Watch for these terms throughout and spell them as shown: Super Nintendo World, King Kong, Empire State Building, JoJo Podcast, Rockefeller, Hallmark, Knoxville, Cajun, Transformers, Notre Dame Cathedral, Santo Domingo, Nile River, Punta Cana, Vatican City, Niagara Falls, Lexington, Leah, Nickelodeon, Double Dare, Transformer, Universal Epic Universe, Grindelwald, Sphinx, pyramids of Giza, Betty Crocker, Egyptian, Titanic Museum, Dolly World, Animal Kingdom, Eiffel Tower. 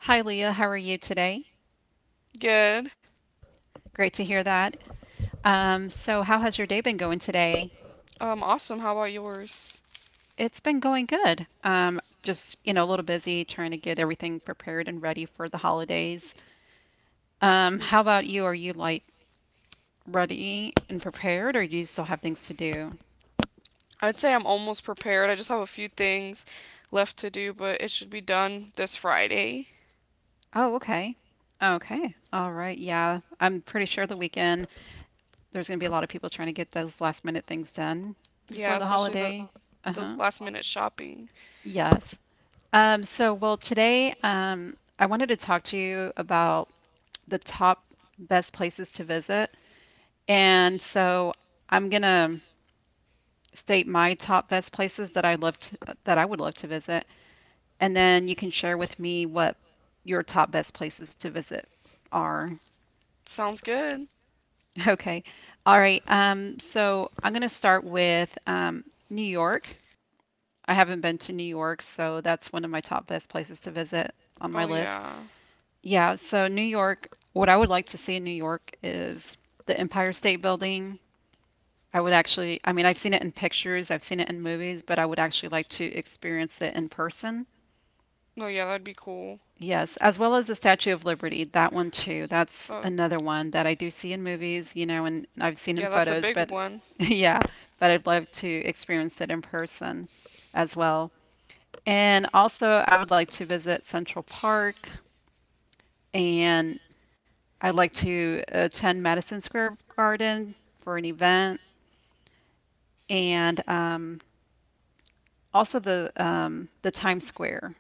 Hi, Leah. How are you today? Good. Great to hear that. How has your day been going today? Awesome. How about yours? It's been going good. Just, you know, a little busy trying to get everything prepared and ready for the holidays. How about you? Are you like ready and prepared, or do you still have things to do? I'd say I'm almost prepared. I just have a few things left to do, but it should be done this Friday. Oh, okay. Okay. All right. Yeah. I'm pretty sure the weekend there's going to be a lot of people trying to get those last minute things done Yeah, before the especially the holiday. those Uh-huh. last minute shopping. Yes. Today I wanted to talk to you about the top best places to visit. And so I'm gonna state my top best places that I love to, that I would love to visit, and then you can share with me what your top best places to visit are. Sounds good. Okay. All right. So I'm gonna start with New York. I haven't been to New York, so that's one of my top best places to visit on Oh my list. yeah. Yeah, so New York, what I would like to see in New York is the Empire State Building. I would actually, I mean, I've seen it in pictures, I've seen it in movies, but I would actually like to experience it in person. Oh yeah, that'd be cool. Yes, as well as the Statue of Liberty, that one too. That's Oh, another one that I do see in movies, you know, and I've seen in yeah, that's a photos, big but one. yeah, but I'd love to experience it in person as well. And also, I would like to visit Central Park and I'd like to attend Madison Square Garden for an event and also the Times Square.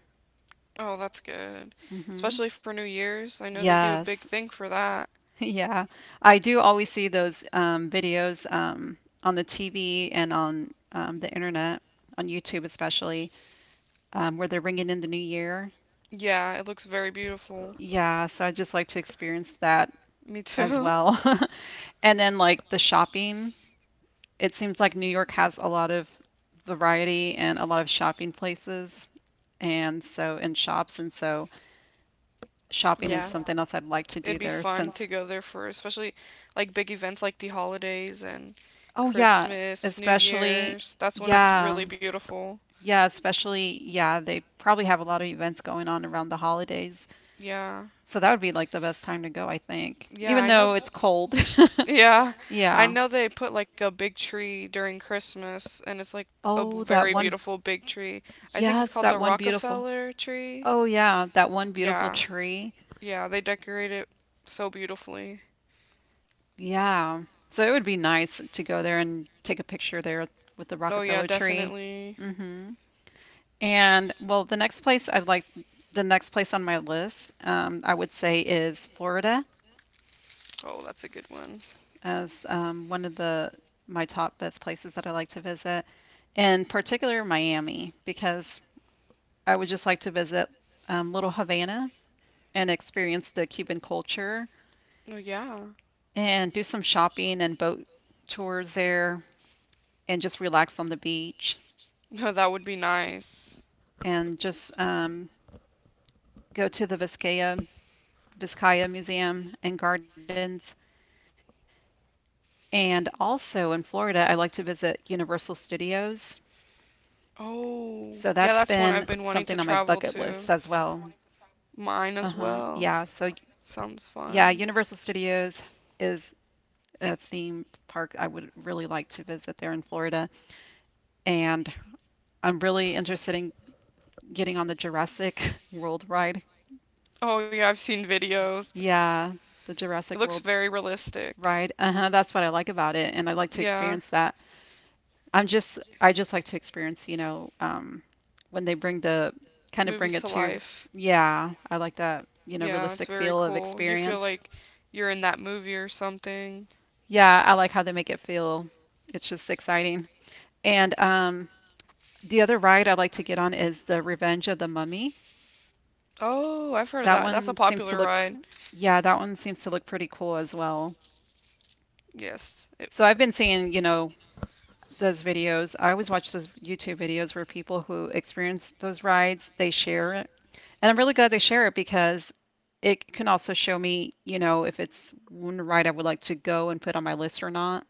Oh, that's good. hmm Especially for New Year's. I know they do a big Yes. thing for that. Yeah. I do always see those videos on the TV and on the internet, on YouTube especially, where they're ringing in the new year. Yeah, it looks very beautiful. Yeah. So I just like to experience that Me as too. well. And then like the shopping. It seems like New York has a lot of variety and a lot of shopping places and so in shops and so shopping is Yeah. something else I'd like to do It'd be there fun since to go there for especially like big events like the holidays and oh yeah, Christmas, New especially Year's. That's when it's yeah. really beautiful. Yeah, especially yeah, they probably have a lot of events going on around the holidays. Yeah. So that would be like the best time to go, I think. Yeah, Even I know. though it's cold. Yeah. I Yeah. know they put like a big tree during Christmas, and it's like Oh, that very one beautiful big tree. I think it's yes, called that the one beautiful. Rockefeller tree. Oh yeah, that one beautiful Yeah. tree. Yeah, they decorate it so beautifully. Yeah. So it would be nice to go there and take a picture there with the Oh Rockefeller yeah, tree. definitely. hmm And well, the next place I'd like, the next place on my list, I would say is Florida Oh, that's a good one. as one of the my top best places that I like to visit, in particular Miami, because I would just like to visit Little Havana and experience the Cuban culture Oh yeah. and do some shopping and boat tours there and just relax on the beach. No, that would be nice. And just go to the Vizcaya Museum and Gardens. And also in Florida, I like to visit Universal Studios. Oh, So yeah, that's that's one I've been been wanting to something on my travel bucket to. list as well. Mine as Uh-huh. well. Yeah. So Sounds yeah, fun. Universal Studios is a theme park I would really like to visit there in Florida. And I'm really interested in getting on the Jurassic World ride. Oh yeah, I've seen videos. Yeah, the It Jurassic looks World. very realistic. Right. Uh-huh. That's what I like about it, and I like to Yeah, experience that. I just like to experience, you know, when they bring the kind of bring movies it to to, life. yeah, I like that, you know, Yeah, it's realistic very feel of cool. You feel experience. like you're in that movie or something. Yeah, I like how they make it feel. It's just exciting. And the other ride I like to get on is the Revenge of the Mummy. Oh, I've heard of That that. That's a one seems to popular look, pr- ride. Yeah, that one seems to look pretty cool as well. Yes, it So I've been seeing, you know, those videos. I always watch those YouTube videos where people who experience those rides, they share it. And I'm really glad they share it because it can also show me, you know, if it's one ride I would like to go and put on my list or not.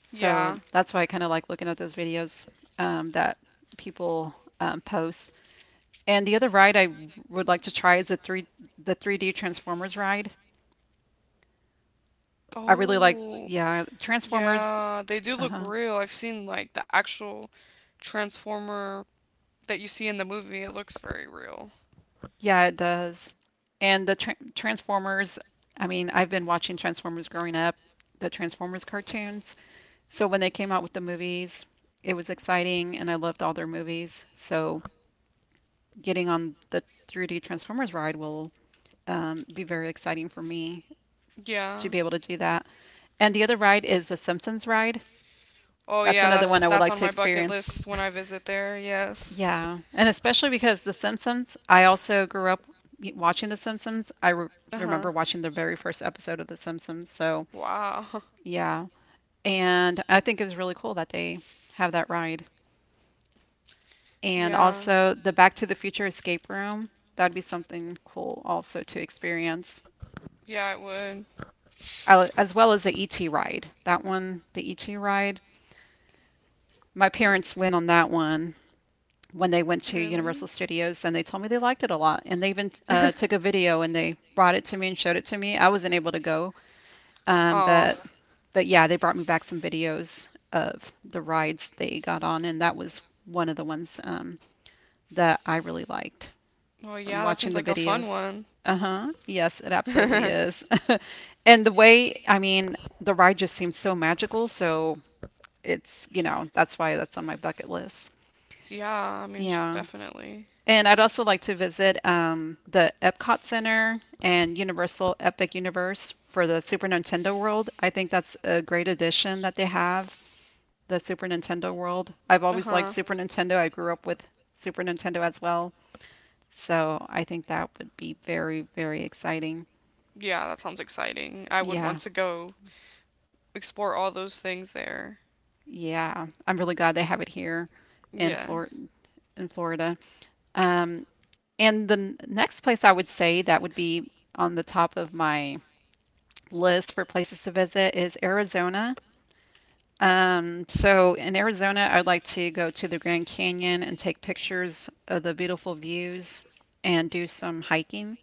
So Yeah. that's why I kind of like looking at those videos that people post. And the other ride I would like to try is the 3D Transformers ride. I really like, Oh, yeah, Transformers. yeah. They do look Uh-huh. real. I've seen like the actual Transformer that you see in the movie. It looks very real. Yeah, it does. And the Transformers, I mean, I've been watching Transformers growing up, the Transformers cartoons. So when they came out with the movies, it was exciting and I loved all their movies. So getting on the 3D Transformers ride will be very exciting for me Yeah. to be able to do that. And the other ride is the Simpsons ride. Oh, That's yeah, another that's one I would that's on like my to bucket experience. list when I visit there. Yes. Yeah, and especially because The Simpsons, I also grew up watching The Simpsons. I re Uh-huh. Remember watching the very first episode of The Simpsons. So, Wow. yeah. And I think it was really cool that they have that ride. And Yeah. also the Back to the Future escape room. That'd be something cool also to experience, Yeah, it would. As well as the ET ride. That one, the ET ride, my W- parents went on that one when they went to Really? Universal Studios, and they told me they liked it a lot. And they even took a video and they brought it to me and showed it to me. I wasn't able to go, um, Aw. but but yeah, they brought me back some videos of the rides they got on, and that was one of the ones that I really liked Well, from yeah, that watching seems the like a fun videos. one. Uh-huh. Yes, it absolutely yeah, is. And the way, I mean, the ride just seems so magical, so it's, you know, that's why that's on my bucket list. I mean, Yeah. definitely. And I'd also like to visit the Epcot Center and Universal Epic Universe for the Super Nintendo World. I think that's a great addition that they have, the Super Nintendo World. I've Uh always huh. liked Super Nintendo. I grew up with Super Nintendo as well. So I think that would be very, very exciting. Yeah, that sounds exciting. I would Yeah, want to go explore all those things there. yeah. I'm really glad they have it here in Yeah. Flor in Florida. Um, and the next place I would say that would be on the top of my list for places to visit is Arizona. So in Arizona, I'd like to go to the Grand Canyon and take pictures of the beautiful views and do some hiking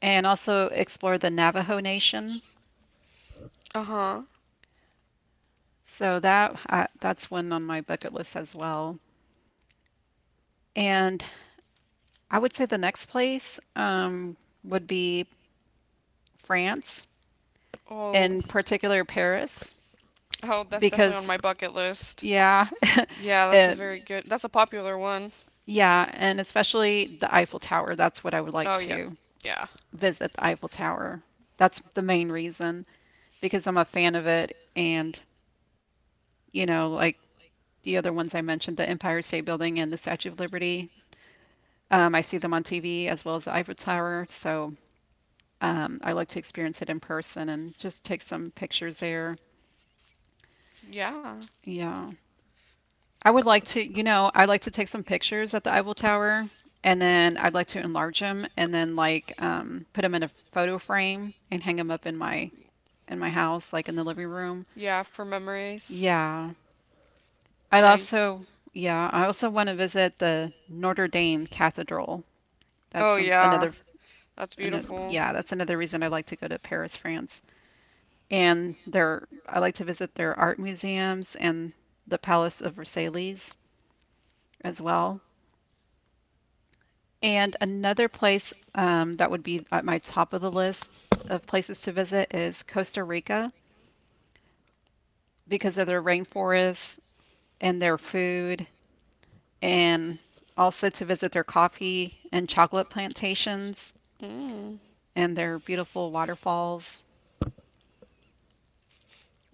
and also explore the Navajo Nation. Uh huh. So that that's one on my bucket list as well. And I would say the next place would be France, Oh. in particular Paris, Oh, that's definitely because on my bucket list. yeah, Yeah, that's a uh, very good. That's a popular one. yeah, and especially the Eiffel Tower. That's what I would like Oh yeah. to Yeah. visit the Eiffel Tower. That's the main reason because I'm a fan of it. And, you know, like the other ones I mentioned, the Empire State Building and the Statue of Liberty, I see them on TV as well as the Eiffel Tower. So I like to experience it in person and just take some pictures there. Yeah. Yeah. I would like to, you know, I'd like to take some pictures at the Eiffel Tower and then I'd like to enlarge them and then like put them in a photo frame and hang them up in my house like in the living room. Yeah, for memories. Yeah. I'd Yeah. Also yeah, I also want to visit the Notre Dame Cathedral. That's Oh, some yeah. another That's beautiful. yeah, that's another reason I like to go to Paris, France. And their I like to visit their art museums and the Palace of Versailles as well. And another place that would be at my top of the list of places to visit is Costa Rica because of their rainforests and their food, and also to visit their coffee and chocolate plantations Mm. and their beautiful waterfalls.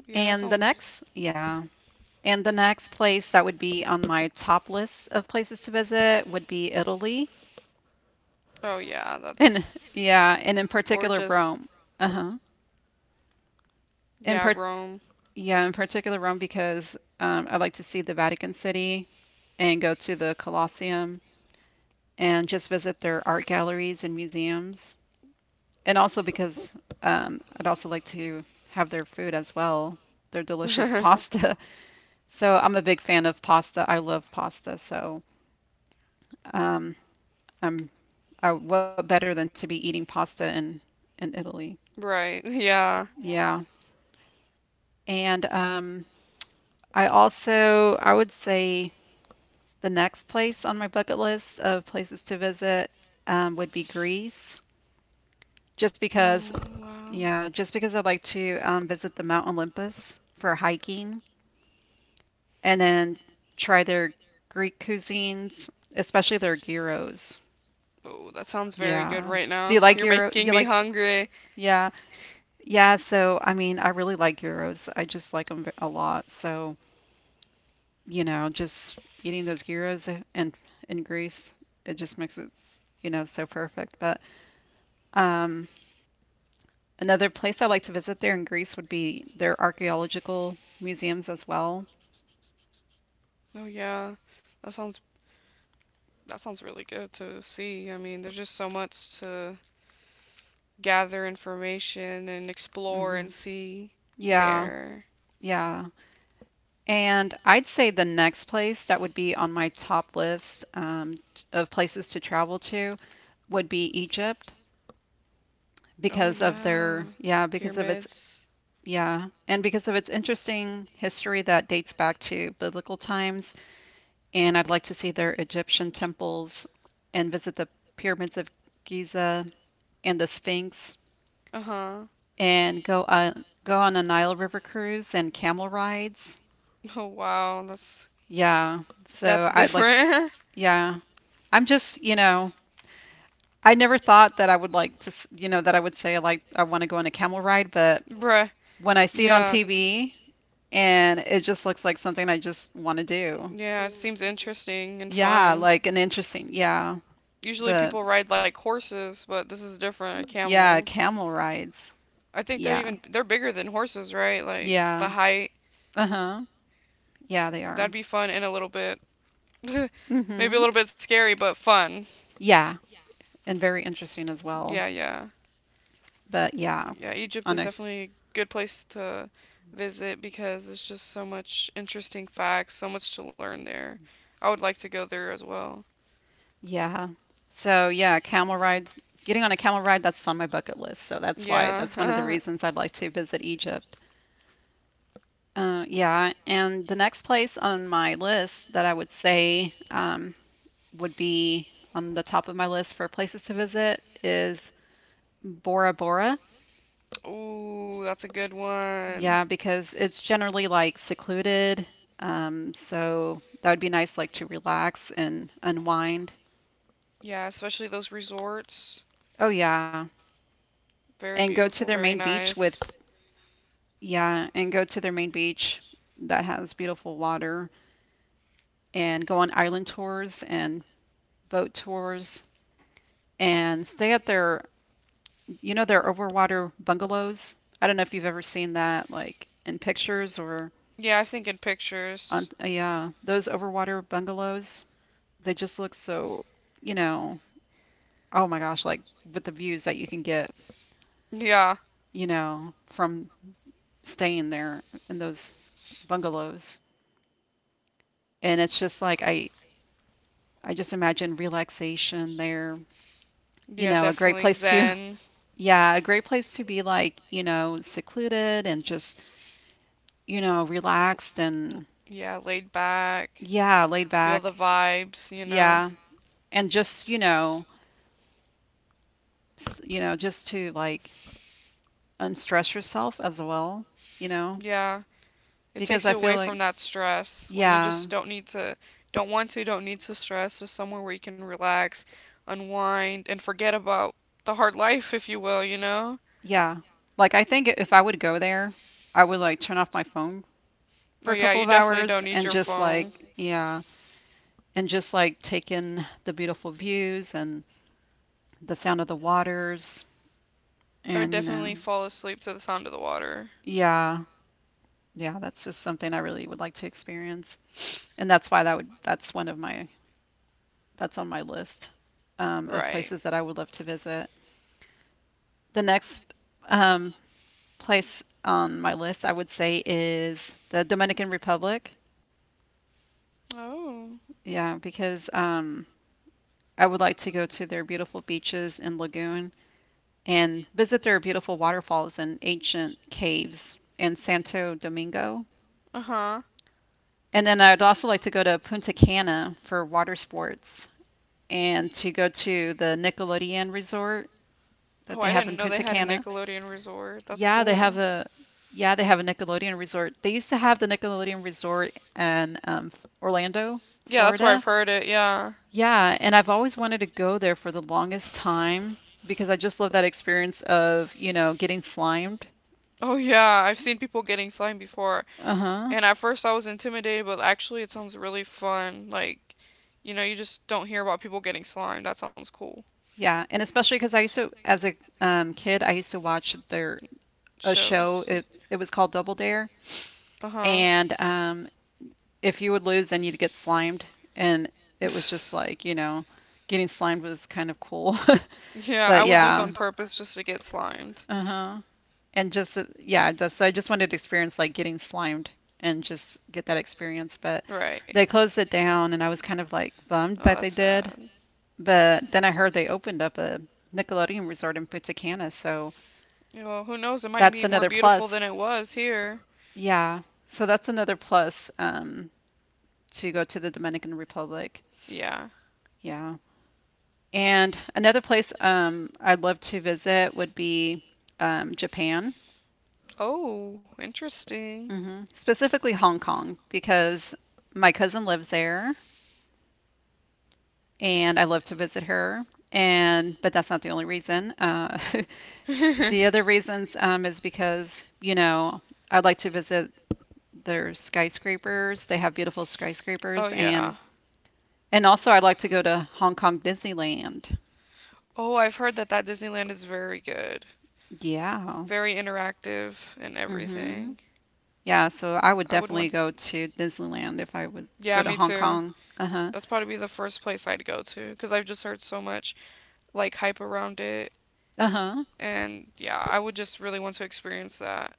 Yeah, that sounds. Yeah, and the next place that would be on my top list of places to visit would be Italy. Oh, yeah, And that's yeah, and in particular, gorgeous. Rome. Uh-huh. In Yeah, part, Rome. yeah, in particular Rome because I like to see the Vatican City and go to the Colosseum and just visit their art galleries and museums. And also because I'd also like to have their food as well, their delicious pasta. So I'm a big fan of pasta. I love pasta. So um, I'm what better than to be eating pasta in Italy? Right. Yeah. Yeah. Yeah. And I also I would say. The next place on my bucket list of places to visit would be Greece, just Oh, because, wow. yeah, just because I'd like to visit the Mount Olympus for hiking and then try their Greek cuisines, especially their gyros. Oh, that sounds very good Yeah. right Do you now. like You're gyro? making You me like? hungry. Yeah. Yeah, so I really like gyros. I just like them a lot. So, just eating those gyros and in Greece, it just makes it, so perfect. But Um, Another place I like to visit there in Greece would be their archaeological museums as well. Oh, yeah. That sounds that sounds really good to see. I mean, there's just so much to gather information and explore and Hmm see Yeah, there. yeah. And I'd say the next place that would be on my top list of places to travel to would be Egypt Oh because of yeah, their, yeah, because of its, pyramids. yeah, and because of its interesting history that dates back to biblical times. And I'd like to see their Egyptian temples and visit the pyramids of Giza and the Sphinx. Uh huh. And go on a Nile River cruise and camel rides. Oh wow, that's Yeah. that's So I'd like to, different. you yeah. I'm just, I never thought that I would like to, you know, that I would say like I want to go on a camel ride, but ride. But bruh. when I see it on Yeah. TV and it just looks like something I just want to do. Yeah, it seems interesting and Yeah, fun. like an interesting, yeah. Usually But people ride like horses, but this is different, a camel. yeah, Ride. camel rides. I think they're Yeah. even they're bigger than horses, right? Like the, yeah, Yeah. height. Uh-huh. Yeah, they are. That'd be fun and a little bit, maybe a Mm-hmm. little bit scary, but fun. Yeah, and very interesting as well. Yeah, yeah. But yeah, Yeah, Egypt on is a definitely a good place to visit, because it's just so much interesting facts, so much to learn there. I would like to go there as well. yeah. So yeah, camel rides. Getting on a camel ride, that's on my bucket list. So that's why that's one of the Yeah. reasons I'd like to visit Egypt. Yeah, and the next place on my list that I would say would be on the top of my list for places to visit is Bora Bora. Ooh, that's a good one. Yeah, because it's generally like secluded. So that would be nice, like to relax and unwind. Yeah, especially those resorts. Oh, yeah. Very And go to beautiful, their main very beach with nice. Yeah, and go to their main beach that has beautiful water and go on island tours and boat tours and stay at their, their overwater bungalows. I don't know if you've ever seen that, like in pictures or Yeah, I think in on, pictures. yeah, those overwater bungalows. They just look so, you know, oh my gosh, like with the views that you can get, Yeah, from staying there in those bungalows. And it's just like I just imagine relaxation there, you yeah, know, a great definitely place to, zen. yeah, a great place to be like, secluded and just, relaxed l- and, Yeah, laid back, yeah, laid feel the back. vibes, you know. Yeah. And just, you know, just to like unstress yourself as well, you know, Yeah, it because takes I you away feel like, from that stress when you yeah, just don't need to, don't want to, don't need to stress. Just somewhere where you can relax, unwind, and forget about the hard life, if you will, you know? yeah. Like, I think if I would go there, I would like turn off my phone But for a yeah, couple you of definitely hours don't need and your just phone. like, yeah, and just like take in the beautiful views and the sound of the waters. I would And, definitely fall asleep to the sound of the water. yeah, yeah, that's just something I really would like to experience. And that's why that would, that's one of my, that's on my list of Right. places that I would love to visit. The next um, place on my list, I would say, is the Dominican Republic. Oh. Yeah, because I would like to go to their beautiful beaches and lagoon and visit their beautiful waterfalls and ancient caves in Santo Domingo. Uh huh. And then I'd also like to go to Punta Cana for water sports and to go to the Nickelodeon resort that Oh, they I have didn't in know they Punta had a Cana. Nickelodeon resort. That's Yeah, they cool. have a, yeah, they have a Nickelodeon resort. They used to have the Nickelodeon resort in Orlando, Yeah, that's where I've Florida. heard it. Yeah. Yeah, and I've always wanted to go there for the longest time because I just love that experience of, getting slimed. Oh yeah, I've seen people getting slime before, Uh-huh. and at first I was intimidated, but actually it sounds really fun. Like, you know, you just don't hear about people getting slime. That sounds cool. Yeah, and especially because I used to, as a kid, I used to watch their a show. Shows. It was called Double Dare, Uh huh. and if you would lose, then you'd get slimed, and it was just like, you know, getting slimed was kind of cool. yeah, but I oh, would lose yeah, on purpose just to get slimed. uh huh, and just yeah, just, so I just wanted to experience like getting slimed and just get that experience. But Right. they, right, closed it down, and I was kind of like bummed Oh, that that's they did. sad. But then I heard they opened up a Nickelodeon resort in Punta Cana, so Well, who knows? It might that's be more another beautiful plus. than it was here. Yeah. So that's another plus to go to the Dominican Republic. Yeah. Yeah. And another place I'd love to visit would be Japan, Oh, interesting. hmm specifically Hong Kong, because my cousin lives there and I love to visit her. And but that's not the only reason. Oh the other reasons is because, I'd like to visit. There's skyscrapers. They have beautiful skyscrapers, yeah. and also I like to go to Hong Kong Disneyland. Oh, I've heard that that Disneyland is very good. Yeah. Very interactive and hmm everything. Yeah, so I would I would definitely want. go to Disneyland if I would Yeah, go to me Hong too. Kong. Uh-huh. That's probably the first place I'd go to, because I've just heard so much like hype around it, Uh-huh. and yeah, I would just really want to experience that.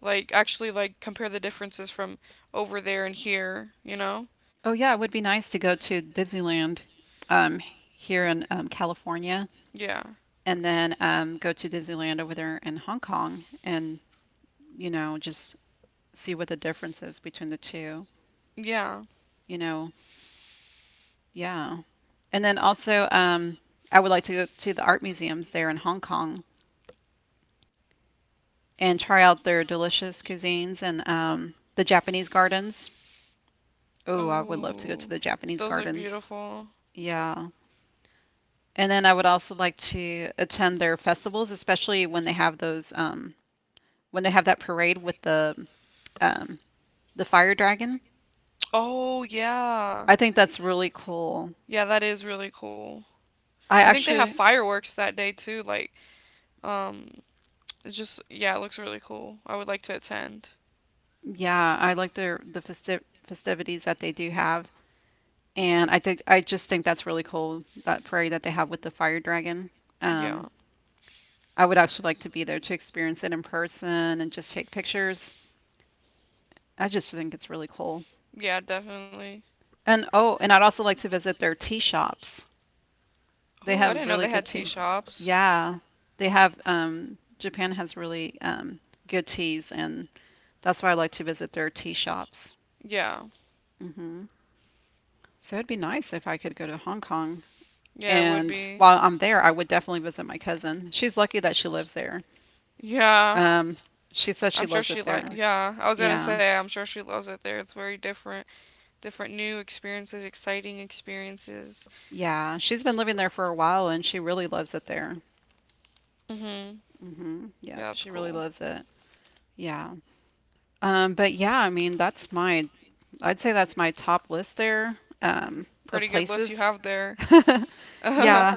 Like actually, like compare the differences from over there and here. You know? Oh yeah, it would be nice to go to Disneyland here in California, Yeah. and then go to Disneyland over there in Hong Kong, and you know just see what the difference is between the two, Yeah. you know. Yeah. And then also, I would like to go to the art museums there in Hong Kong and try out their delicious cuisines and the Japanese gardens. Oh, I would love to go to Oh, the Japanese those look gardens. beautiful. Yeah. And then I would also like to attend their festivals, especially when they have those when they have that parade with um, the fire dragon. Oh yeah, I think that's really cool. yeah, that is really cool. I I think they have actually, fireworks that day too. Like, um, it's just, yeah, it looks really cool. I would like to attend. yeah, I like their the festi festivities that they do have. And I think I just think that's really cool, that parade that they have with the fire dragon. Um, Yeah. I would actually like to be there to experience it in person and just take pictures. I just think it's really cool. Yeah, definitely. And oh, and I'd also like to visit their tea shops. They Oh, I have didn't know really they good had tea tea. shops. Yeah, they have. Japan has really good teas, and that's why I like to visit their tea shops. Yeah. Hmm So it'd be nice if I could go to Hong Kong. Yeah, it would And be. while I'm there, I would definitely visit my cousin. She's lucky that she lives there. Yeah. Um, she says she I'm sure loves she it like there. Yeah, I was gonna Yeah, say I'm sure she loves it there. It's very different new experiences, exciting experiences. yeah. She's been living there for a while and she really loves it there. Mhm. Hmm Yeah, Yep, that's she really cool. loves it. Yeah. But yeah, that's my, I'd say that's my top list there, of Pretty good list you places. have there. yeah, Yeah.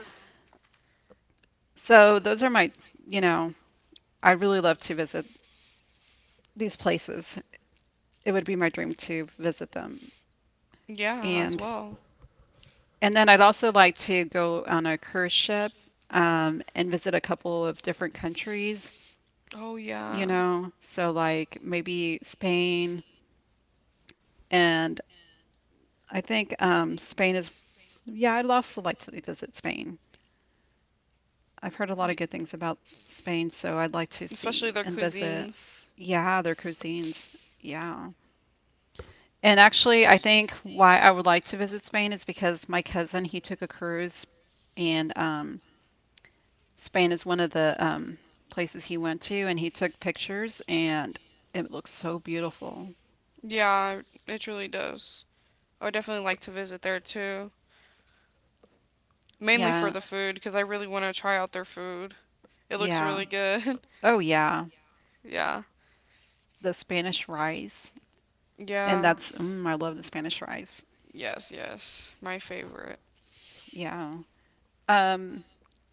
So those are my, you know, I really love to visit these places. It would be my dream to visit them. as And well. And then I'd also like to go on a cruise ship and visit a couple of different countries, Oh yeah. So like maybe Spain. And I think Spain is, yeah, I'd also like to visit Spain. I've heard a lot Y- of good things about Spain, so I'd like to Especially see their and visit, cuisines. yeah, their cuisines. Yeah. And actually, I think why I would like to visit Spain is because my cousin, he took a cruise, and Spain is one of the places he went to, and he took pictures, and it looks so beautiful. Yeah, it really does. I would definitely like to visit there too, mainly for Yeah, the food because I really want to try out their food. It looks yeah. really good. Oh, yeah. yeah, The Spanish rice. And yeah, that's, mm, I love the Spanish rice. yes, yes, my favorite. Yeah. Um,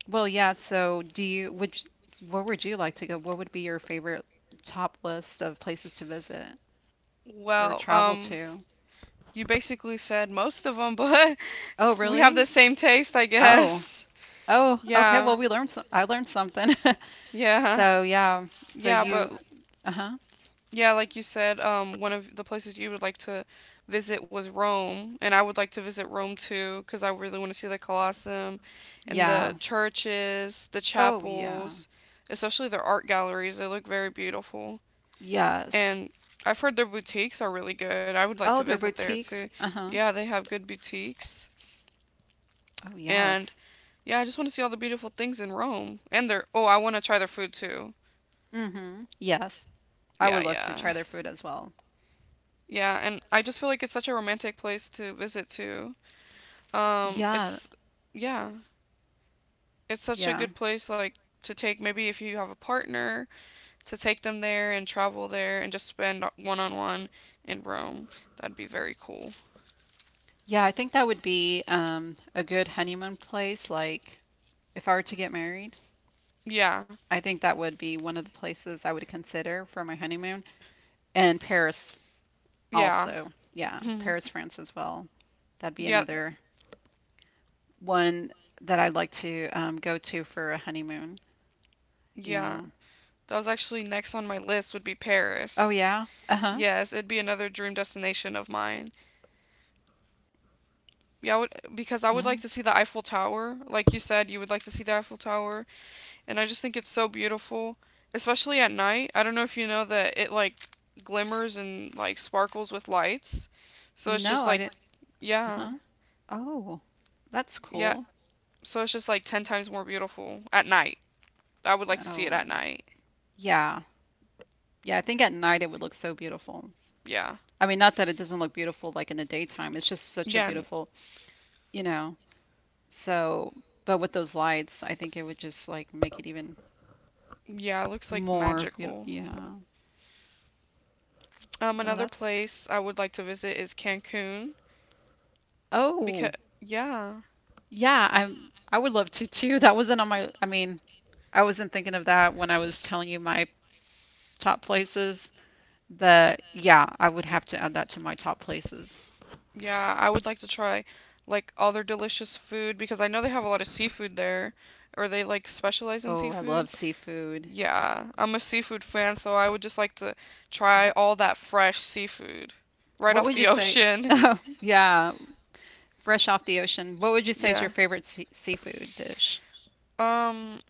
well, yeah, so do you, would, you- where would you like to go? What would be your favorite top list of places to visit or Well, travel to? you basically said most of them, but Oh, we have the really? same taste, I Oh, guess. oh, okay. Yeah, Well, I learned something. yeah, So, yeah. So yeah, but you, uh-huh. yeah, like you said, one of the places you would like to visit was Rome, and I would like to visit Rome too, because I really want to see the Colosseum and the Yeah. churches, the Oh, yeah. chapels, especially their art galleries. They look very beautiful. Yes. And I've heard their boutiques are really good. I would like to Oh, their visit there too. boutiques. Uh-huh. Yeah, they have good boutiques. Oh, And yes. yeah, I just want to see all the beautiful things in Rome. Oh, I want to try their food too. Mm-hmm. Yes. I Yeah, would love yeah. to try their food as well. Yeah, and I just feel like it's such a romantic place to visit too. Yeah. It's Yeah, it's such a Yeah. good place like to take, maybe if you have a partner, to take them there and travel there and just spend one on one in Rome. That'd be very cool. Yeah, I think that would be a good honeymoon place. Like if I were to get married, Yeah. I think that would be one of the places I would consider for my honeymoon. And Paris Yeah. also. Yeah, Paris, France as well. That'd be yeah. another one that I'd like to go to for a honeymoon. Yeah. Yeah. That was actually next on my list would be Oh Paris. yeah. Uh-huh. Yes, it'd be another dream destination of mine. Yeah, I would, because I would like Uh-huh. to see the Eiffel Tower. Like you said, you would like to see the Eiffel Tower. And I just think it's so beautiful, especially at night. I don't know if you know that it like glimmers and like sparkles with lights. So it's No, just I like, didn't. yeah. Huh? Oh, that's Yeah. cool. So it's just like 10 times more beautiful at night. I would like to see it at Oh, night. yeah. Yeah, I think at night it would look so beautiful. Yeah. Not that it doesn't look beautiful like in the daytime. It's just Yeah. such a And beautiful, you know. So, but with those lights, I think it would just like make it even yeah, it looks like more beautiful. magical. Yeah. Oh, Another that's. place I would like to visit is Cancun because Oh, yeah. yeah. I'm. I would love to too. That wasn't on my. I mean, I wasn't thinking of that when I was telling you my top places. But yeah, I would have to add that to my top places. Yeah, I would like to try like all their delicious food because I know they have a lot of seafood there, or they like specialize in Oh, I seafood. love seafood. Yeah, I'm a seafood fan, so I would just like to try Wh- all that fresh seafood right What off would you the say? ocean. Oh, yeah, fresh off the ocean. What would you say is your Yeah. favorite seafood dish? Um,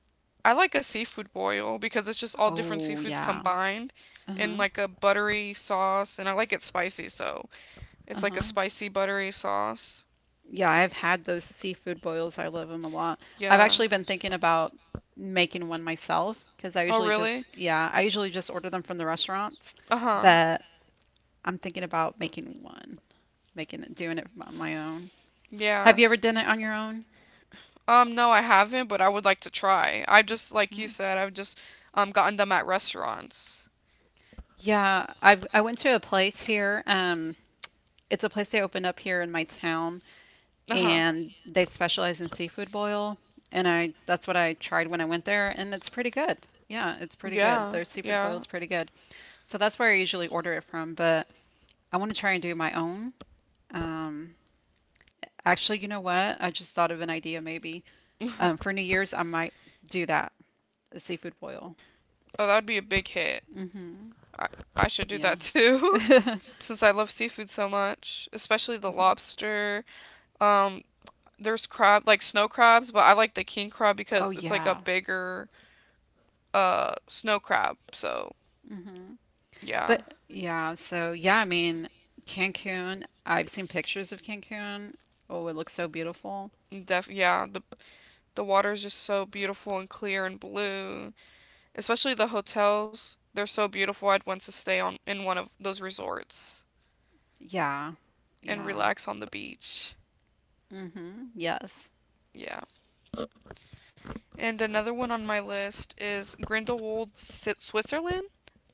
I like a seafood boil because it's just all different Oh, seafoods yeah. combined in Uh-huh. like a buttery sauce, and I like it spicy, so it's like a Uh-huh. spicy buttery sauce. Yeah, I've had those seafood boils. I love them a lot. I've Yeah. actually been thinking about making one myself because I Oh, usually just, really? yeah, I usually just order them from the restaurants, Uh-huh. but I'm thinking about making one, making it, doing it on my own. Have Yeah. you ever done it on your own? No, I haven't, but I would like to try. I just, like you Mhm. said, I've just gotten them at restaurants. Yeah, I went to a place here. It's a place they opened up here in my town, Uh-huh. and they specialize in seafood boil. And I that's what I tried when I went there, and it's pretty good. Yeah, it's pretty good. Yeah. Their seafood boil Yeah. is pretty good. So that's where I usually order it from, but I want to try and do my own. Um, Actually, you know what? I just thought of an idea maybe. For New Year's, I might do that, a seafood boil. Oh, that would be a big hit. hmm I, I should do Yeah. that too, Uh-huh. since I love seafood so much, especially the lobster. Um, there's crab, like snow crabs, but I like the king crab Oh, because it's like a yeah. bigger snow crab. So, Mhm. yeah. But yeah, so yeah, I mean, Cancun, I've seen pictures of Cancun. Oh, it looks so beautiful. Def Yeah, the water is just so beautiful and clear and blue. Especially the hotels. They're so beautiful. I'd want to stay on in one of those resorts Yeah. and Yeah. relax on the beach. Mm-hmm. Yes. Yeah. And another one on my list is Grindelwald, Switzerland.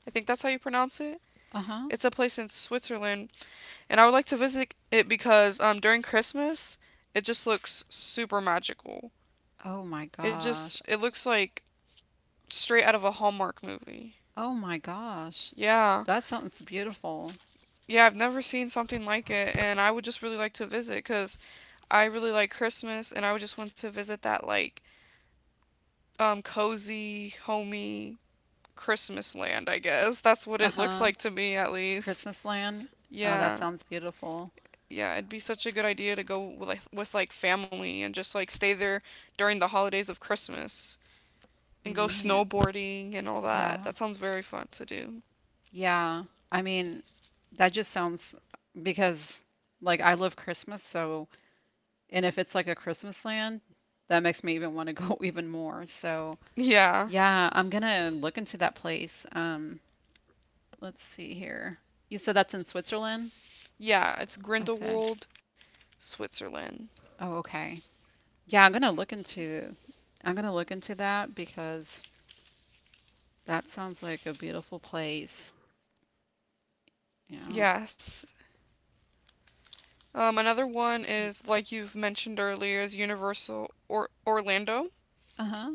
I think that's how you pronounce it. Uh-huh. It's a place in Switzerland, and I would like to visit it because during Christmas, it just looks super magical. Oh my gosh. It looks like straight out of a Hallmark movie. Oh my gosh. Yeah. That sounds beautiful. Yeah, I've never seen something like it, and I would just really like to visit, cuz I really like Christmas, and I just want to visit that like cozy, homey Christmas land. I guess that's what it looks Uh-huh. like to me, at least. Christmas land. Oh, that Yeah, sounds beautiful. yeah, it'd be such a good idea to go with like, family and just like stay there during the holidays of Christmas and go Man. snowboarding and all that. Yeah. That sounds very fun to do. Yeah. I mean, that just sounds because like I love Christmas, so. And if it's like a Christmas land, that makes me even want to go even more. So, Yeah, yeah, I'm gonna look into that place. Let's see here. You said that's in Switzerland? yeah, it's Okay. Grindelwald, Switzerland. Oh, okay. Yeah, I'm gonna look into that because that sounds like a beautiful place. Yeah. Yes. Another one is like you've mentioned earlier is Universal or Orlando. Uh-huh.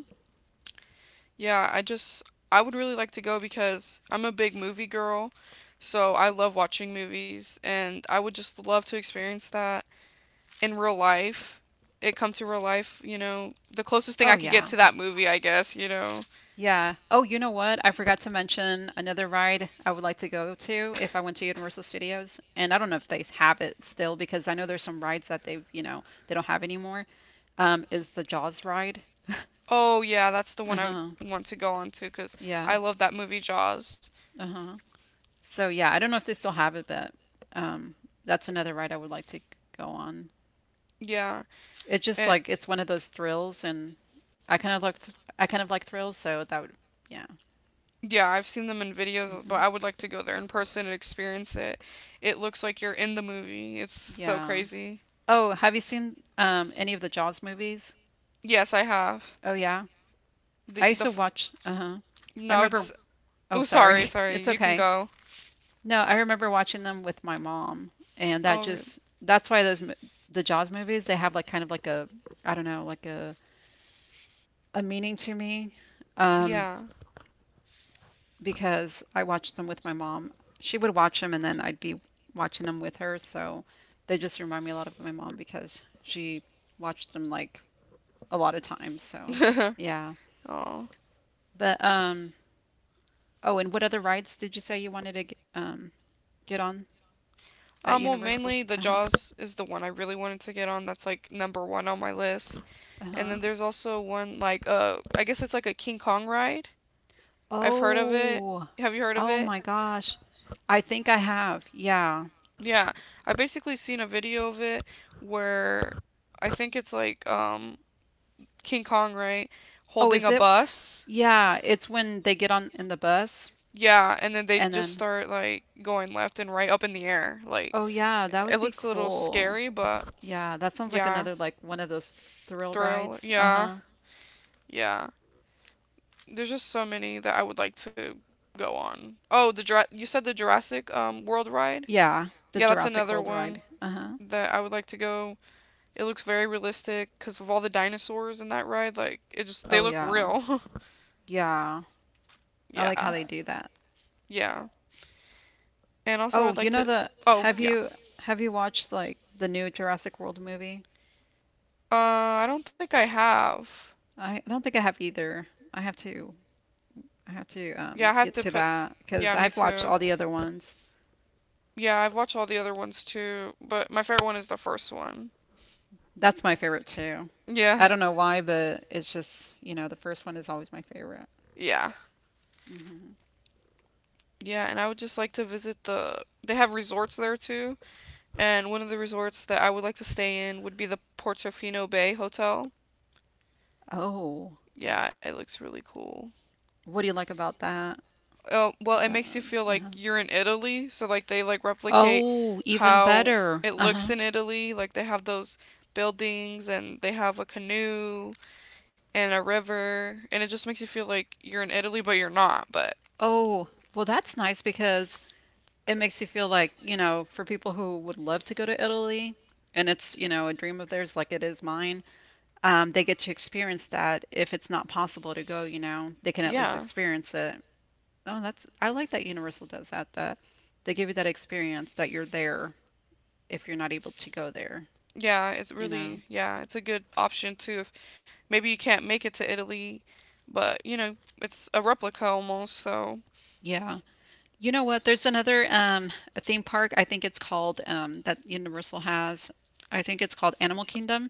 Yeah, I would really like to go because I'm a big movie girl, so I love watching movies and I would just love to experience that in real life. It come to real life, the closest thing Oh, I could get yeah. to that movie. Yeah. Oh, you know what? I forgot to mention another ride I would like to go to if I went to Universal Studios. And I don't know if they have it still because I know there's some rides that they've, you know, they don't have anymore. Is the Jaws ride. Oh yeah, that's the one I would Uh-huh. want to go on to because I Yeah. love that movie Jaws. Uh-huh. So yeah, I don't know if they still have it, but um, that's another ride I would like to go on. Yeah, It's just and like it's one of those thrills, and I kind of like th I kind of like thrills, so that would, yeah. yeah, I've seen them in videos, but hmm I would like to go there in person and experience it. It looks like you're in the movie. It's so Yeah. crazy. Oh, have you seen any of the Jaws movies? Yes, I have. Oh yeah. I The used the to f- watch, uh-huh. I no, remember, it's oh oh, sorry, sorry. sorry. It's You can okay. go. No, I remember watching them with my mom and that Oh really? just that's why the Jaws movies, they have like kind of like a, I don't know, like a meaning to me um Yeah. because I watched them with my mom. She would watch them and then I'd be watching them with her, so they just remind me a lot of my mom because she watched them like a lot of times, so Oh. yeah. Um. But oh, and what other rides did you say you wanted to get on at Well, Universal. mainly the Uh-huh. Jaws is the one I really wanted to get on. That's like number one on my list. And Uh-huh. then there's also one like I guess it's like a King Kong ride. I've heard of it. Oh. Have you heard of Oh it? my gosh. I think I have. Yeah. Yeah. I basically seen a video of it where I think it's like King Kong, right? Oh, Holding is a it? bus. Yeah, it's when they get on in the bus Yeah, and then they and just then. start like going left and right up in the air. Like Oh yeah, that it would be looks a little cool. scary, but Yeah, that sounds like yeah, another like one of those thrill thrill. rides. Yeah, Uh-huh. yeah. There's just so many that I would like to go on. Oh, the you said the Jurassic World ride? Yeah, the Yeah, that's Jurassic another World one ride. Uh-huh. that I would like to go. It looks very realistic because of all the dinosaurs in that ride. Like it just they Oh look yeah. real. Yeah. I like Yeah, how they do that. yeah. And also, Oh, I'd like you know to. the Oh, yeah. Have you watched like the new Jurassic World movie? Uh, I don't think I have. I don't think I have either. I have to I have to Yeah, I have get to to put. that because Yeah, me I've watched too. all the other ones. Yeah, I've watched all the other ones too, but my favorite one is the first one. That's my favorite too. Yeah, I don't know why, but it's just, you know, the first one is always my favorite. yeah, hmm yeah. And I would just like to visit the. They have resorts there too, and one of the resorts that I would like to stay in would be the Portofino Bay Hotel. Oh, Yeah, it looks really cool. what do you like about that? Oh, well, it That makes you one- feel like uh-huh. you're in Italy, so like they like replicate Oh, even how better. it looks Uh-huh. in Italy. Like they have those buildings and they have a canoe and a river and it just makes you feel like you're in Italy but you're not. But Oh, well, that's nice because it makes you feel like, you know, for people who would love to go to Italy and it's, you know, a dream of theirs like it is mine, they get to experience that. If it's not possible to go, you know, they can at least yeah. experience it. Oh, that's, I like that Universal does that, that they give you that experience that you're there if you're not able to go there, Yeah, it's you know. really yeah, it's a good option too if maybe you can't make it to Italy, but it's a replica almost, so Yeah. You know what? There's another a theme park, I think it's called that Universal has. I think it's called Animal Kingdom.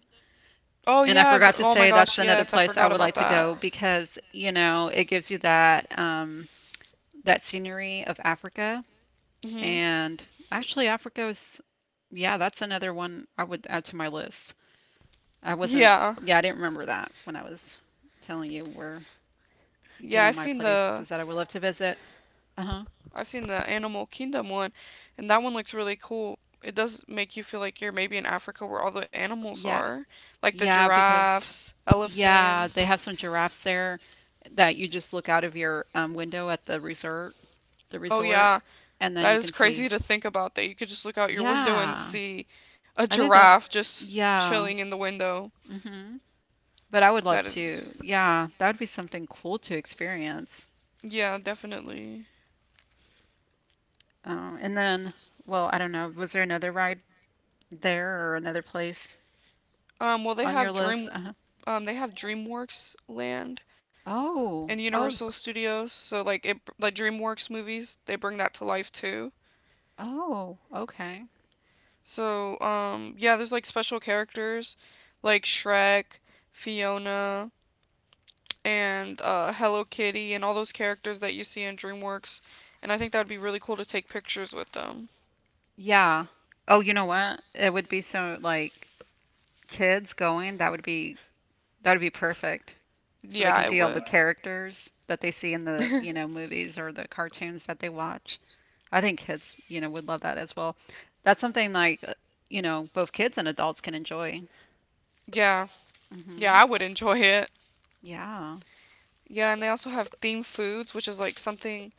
oh And I yeah, forgot to oh my say that's gosh, another yes, I place I forgot would like about to that. go because, you know, it gives you that that scenery of Africa. Mhm. And actually, Africa is, yeah, that's another one I would add to my list. I wasn't, yeah, Yeah. yeah, I didn't remember that when I was telling you where, you know, Yeah, my places that I would love to visit. Uh-huh. I've seen the Animal Kingdom one, and that one looks really cool. It does make you feel like you're maybe in Africa where all the animals Yeah. are, like the Yeah, because, giraffes, yeah, they elephants. have some giraffes there that you just look out of your window at the Oh, resort, yeah, and then that you is can crazy see. to think about that you could just look out your window and Yeah. see a I think that, giraffe just yeah. chilling in the window. hmm But I would That love is, to. Yeah, that would be something cool to experience. yeah, definitely. And then, well, I don't know. Was there another ride there or another place Well, they on your have list? Uh-huh. They have DreamWorks Land and Oh, Universal oh, Studios. So like it, like DreamWorks movies, they bring that to life too. oh, okay. So, yeah, there's like special characters like Shrek, Fiona, and Hello Kitty, and all those characters that you see in DreamWorks. And I think that would be really cool to take pictures with them. Yeah. Oh, you know what? It would be so like kids going, that would be perfect. So they Yeah, can I see all the would. characters that they see in the, you know, movies or the cartoons that they watch. I think kids, you know, would love that as well. That's something like, you know, both kids and adults can enjoy. Yeah, yeah, hmm I would enjoy it. Yeah. Yeah, and they also have themed foods, which is like something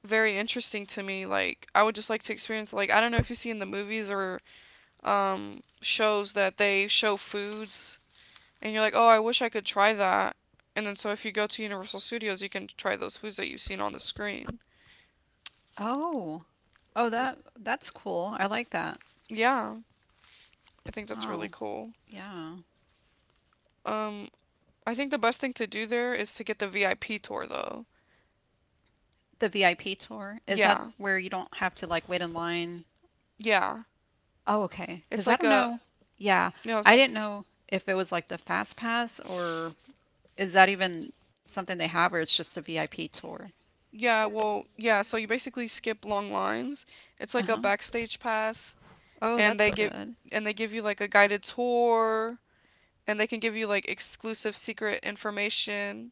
very interesting to me. Like, I would just like to experience, like, I don't know if you see in the movies or shows that they show foods and you're like, oh, I wish I could try that. And then so if you go to Universal Studios, you can try those foods that you've seen on the screen. Oh. Oh, that that's cool. I like that. Yeah, I think that's really Oh, cool. yeah. Um, I think the best thing to do there is to get the VIP tour though. The VIP tour, is that Yeah, where you don't have to like wait in line? yeah. Oh, okay. It's Because I like don't a know. Yeah. no, I didn't know if it was like the Fast Pass or is that even something they have or it's just a VIP tour? yeah, well, yeah. So you basically skip long lines. It's like a Uh-huh. backstage pass, Oh, and that's good. They give you like a guided tour, and they can give you like exclusive secret information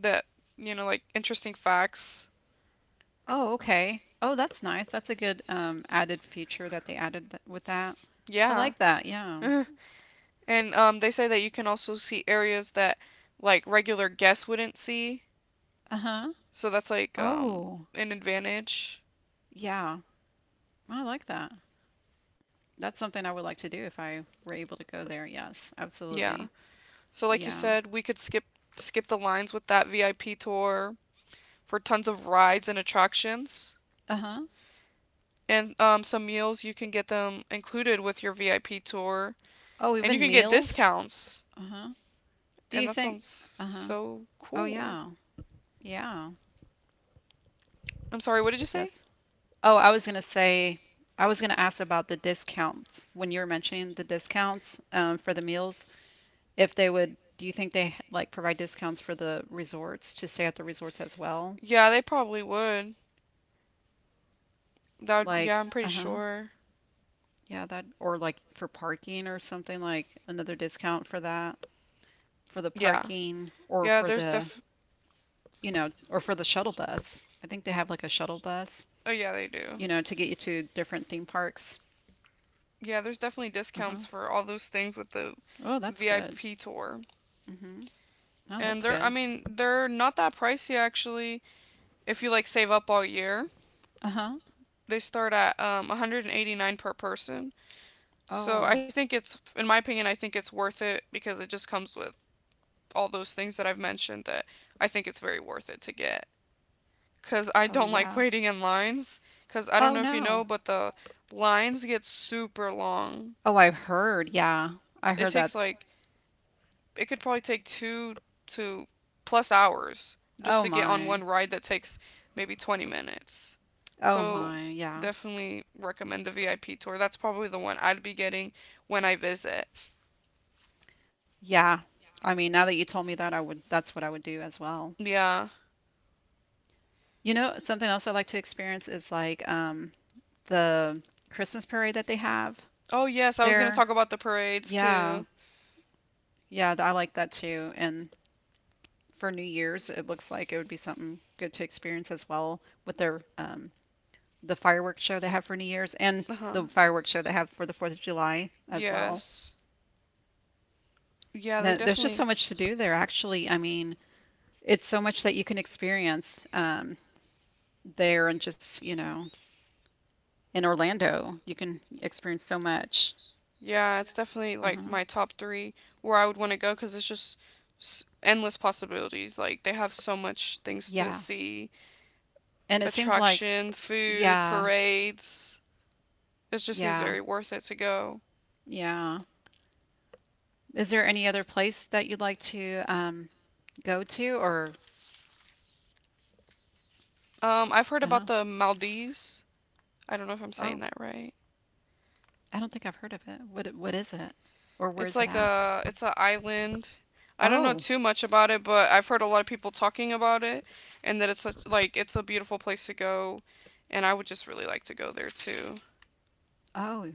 that you know, like interesting facts. Oh, okay. Oh, that's nice. That's a good added feature that they added th with that. I Yeah. like that. Yeah. And they say that you can also see areas that like regular guests wouldn't see. Uh-huh. So that's like Oh, an advantage. yeah. I like that. That's something I would like to do if I were able to go there. Yes, Yeah. absolutely. So like you Yeah. said, we could skip the lines with that VIP tour for tons of rides and attractions. Uh-huh. And some meals you can get them included with your VIP tour Oh, and you even can get meals? discounts. Uh-huh. Do And you that think? sounds Uh-huh. so Oh, cool. yeah. Yeah. I'm sorry, what did you say? Yes. Oh, I was gonna say, I was gonna ask about the discounts when you were mentioning the discounts for the meals. If they would, do you think they like provide discounts for the resorts to stay at the resorts as well? Yeah, they probably would. That would, Like, yeah, I'm pretty uh-huh. sure. Yeah, that or like for parking or something like another discount for that, for the Yeah. parking or Yeah, for there's the, def. you know, or for the shuttle bus. I think they have like a shuttle bus, Oh yeah, they do. you know, to get you to different theme parks. Yeah, there's definitely Uh-huh. discounts for all those things with the Oh, that's good. VIP tour. Mm-hmm. Oh, And that's I good. mean, they're not that pricey actually. If you like save up all year, Uh-huh. they start at 189 per person. So I Oh. think it's, in my opinion, I think it's worth it because it just comes with all those things that I've mentioned that I think it's very worth it to get. Cause I Oh don't like yeah. waiting in lines. Cause I don't Oh know if you know, no. but the lines get super long. Oh, I've heard. Yeah. I It heard that. takes like it could probably take 2 to plus hours just Oh to get on my. one ride that takes maybe 20 minutes. Oh So my. Yeah. definitely recommend the VIP tour. That's probably the one I'd be getting when I visit. Yeah. I mean, now that you told me that, I would that's what I would do as well. Yeah. You know, something else I like to experience is like the Christmas parade that they have Oh yes, I was gonna there. talk about the parades Yeah. too. Yeah, I like that too. And for New Year's, it looks like it would be something good to experience as well with their the fireworks show they have for New Year's and Uh huh. the fireworks show they have for the 4th of July as well. Yes. Yeah, they Man, there's just so definitely much to do there, actually. I mean, it's so much that you can experience there and just, you know, in Orlando. You can experience so much. yeah, it's definitely like Uh-huh. my top three where I would want to go because it's just endless possibilities. Like they have so much things to Yeah. see, And it seems like, attraction, food, yeah, parades. It just seems yeah, very worth it to go. yeah. Is there any other place that you'd like to go to or I've heard uh-huh. about the Maldives. I don't know if I'm saying Oh, that right. I don't think I've heard of it. What what is it? Or where It's is it like at? a it's an island. I don't know Oh, too much about it, but I've heard a lot of people talking about it, and that it's such, like it's a beautiful place to go, and I would just really like to go there too. oh.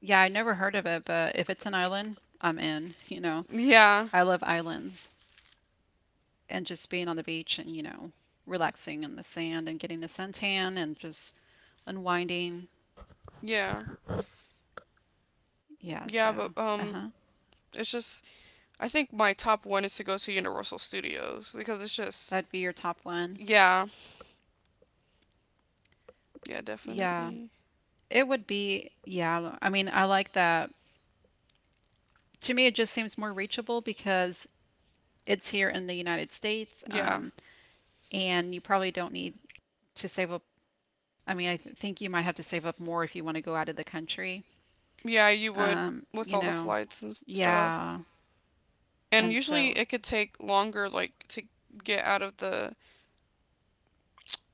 Yeah, I never heard of it, but if it's an island, I'm in, you know. Yeah, I love islands and just being on the beach and, you know, relaxing in the sand and getting a suntan and just unwinding. yeah. Yeah, Yeah, so, but uh-huh. it's just I think my top one is to go to Universal Studios because it's just That'd be your top one. yeah, yeah, Yeah. definitely, It would be, yeah, I mean, I like that. To me, it just seems more reachable because it's here in the United States, yeah, and you probably don't need to save up. I mean, I th think you might have to save up more if you want to go out of the country. yeah. You would with You all the know, flights and stuff, yeah. and And usually so, it could take longer like to get out of the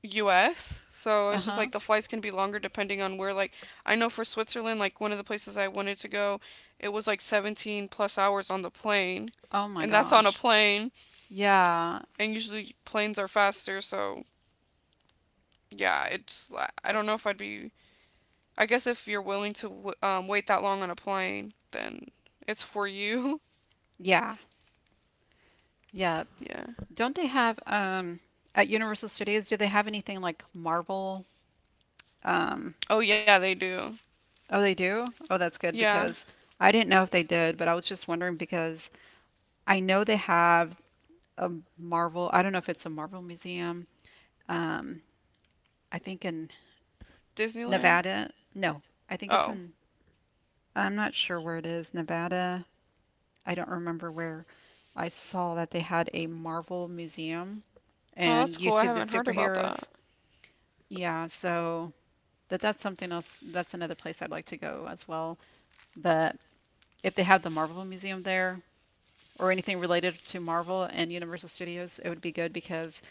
U.S. So it's just like uh-huh. the flights can be longer depending on where. Like I know for Switzerland, like one of the places I wanted to go, it was like 17 plus hours on the plane, Oh my and that's on a gosh. plane, Yeah. and usually planes are faster, so yeah, don't know if I'd be. I guess if you're willing to wait that long on a plane, then it's for you. Yeah. Yep. Yeah. Don't they have at Universal Studios, do they have anything like Marvel. Um, Oh yeah, they do. oh, they do? Oh, that's good Yeah, because I didn't know if they did, but I was just wondering because I know they have a Marvel, I don't know if it's a Marvel museum. Um, I think in Disneyland. Nevada. No, I think it's Oh, in, I'm not sure where it is, Nevada. I don't remember where. I saw that they had a Marvel museum oh that's and you cool. I see the haven't heard about that. superheroes. Yeah, so that that's something else. That's another place I'd like to go as well. But if they have the Marvel museum there, or anything related to Marvel and Universal Studios, it would be good because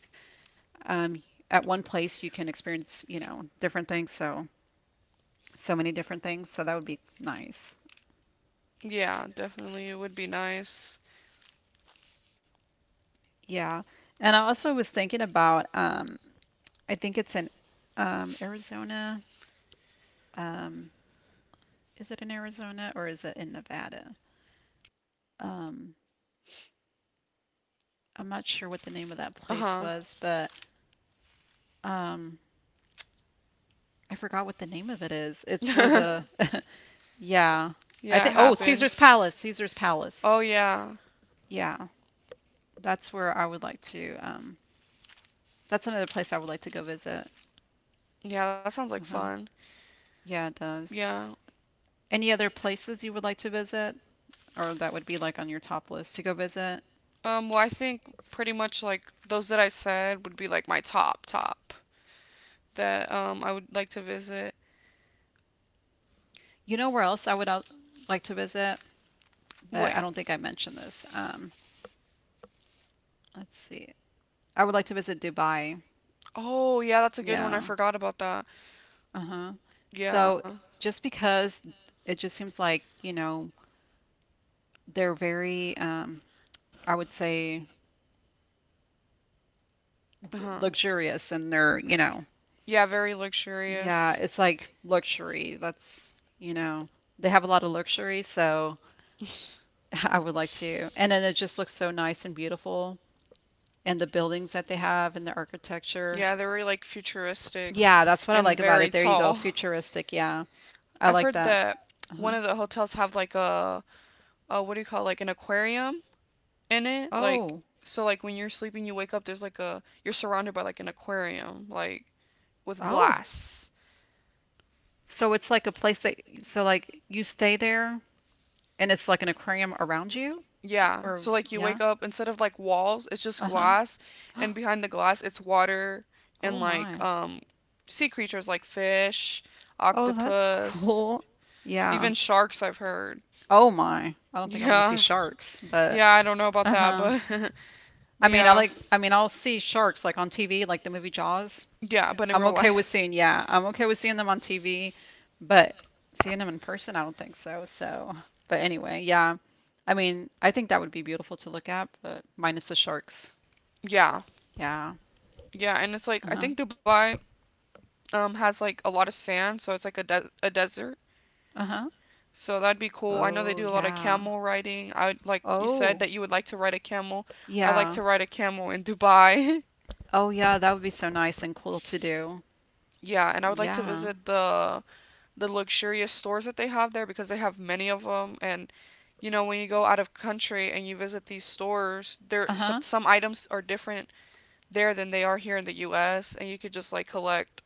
um, at one place you can experience, you know, different things. So, so many different things. So that would be nice. Yeah, definitely, it would be nice. Yeah. And I also was thinking about, I think it's in Arizona. Um, is it in Arizona or is it in Nevada? Um, I'm not sure what the name of that Uh place huh. was, but um, I forgot what the name of it is. It's where Yeah, the, yeah, I it think, oh, Caesar's happens. Palace, Caesar's Palace. Oh yeah, Yeah, that's where I would like to. That's another place I would like to go visit. yeah, that sounds like Uh-huh. fun. Yeah, it does. Yeah. Any other places you would like to visit, or that would be like on your top list to go visit? Well, I think pretty much like those that I said would be like my top top that I would like to visit. You know where else I would like to visit, but I Wait, don't think I mentioned this. Let's see. I would like to visit Dubai. oh, yeah, that's a good one. I Yeah. forgot about that. Uh-huh. Yeah. So just because it just seems like, you know, they're very, I would say, Uh-huh. luxurious and they're, you know, Yeah, very yeah, luxurious. it's like luxury. That's, you know, they have a lot of luxury, so I would like to. And then it just looks so nice and beautiful, and the buildings that they have and the architecture. Yeah, they're very like futuristic Yeah, that's what I and like about it. very There you go, tall. futuristic. Yeah, I I've like heard that. that Uh-huh. one of the hotels have like a what do you call it, like an aquarium in it? Like Oh, so like when you're sleeping you wake up there's like a you're surrounded by like an aquarium like with oh. glass. So it's like a place that, so like you stay there, and it's like an aquarium around you, Yeah. or So like you yeah, wake up instead of like walls, it's just uh-huh. glass and behind the glass it's water and Oh like my. Sea creatures like fish, Oh, that's octopus, cool. Yeah. even sharks I've heard. Oh my. I don't think I want to see Yeah. sharks, but Yeah, I don't know about that, uh-huh. but I but mean, I yeah. like I mean, I'll see sharks like on TV, like the movie Jaws. Yeah, but in I'm real okay with life. seeing, yeah, I'm okay with seeing them on TV, but seeing them in person, I don't think so. So, but anyway, yeah. I mean, I think that would be beautiful to look at, but minus the sharks. Yeah. Yeah. Yeah, and it's like I Uh-huh. think Dubai has like a lot of sand, so it's like a desert. Uh-huh. So that'd be cool. I know they Oh, do a lot of yeah. camel riding. I would, like you said Oh, that you would like to ride a camel. I like yeah. to ride a camel in Dubai. Oh, yeah, that would be so nice and cool to do. Yeah, and I would like to Yeah. visit the luxurious stores that they have there because they have many of them and you know when you go out of country and you visit these stores, there so, Uh-huh. some items are different there than they are here in the US and you could just like collect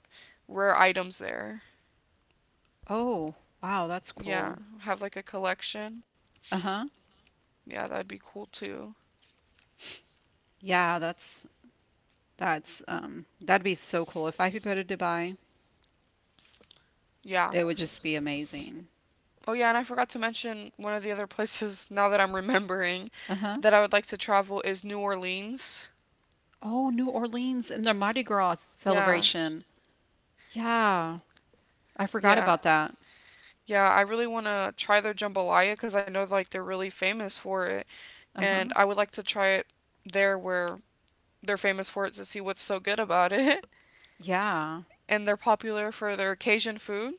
rare items there. Oh, wow, that's Yeah, cool. have like a collection. Uh-huh. Yeah, that'd be cool too. Yeah, that's that'd be so cool. If I could go to Dubai, Yeah. it would just be amazing. Oh yeah, and I forgot to mention one of the other places now that I'm remembering Uh-huh. that I would like to travel is New Orleans. Oh, New Orleans and the Mardi Gras Yeah, celebration. Yeah, I forgot yeah. about that. Yeah, I really want to try their jambalaya because I know like they're really famous for it, and Uh-huh. I would like to try it there where they're famous for it to see what's so good about it. Yeah. And they're popular for their Cajun food,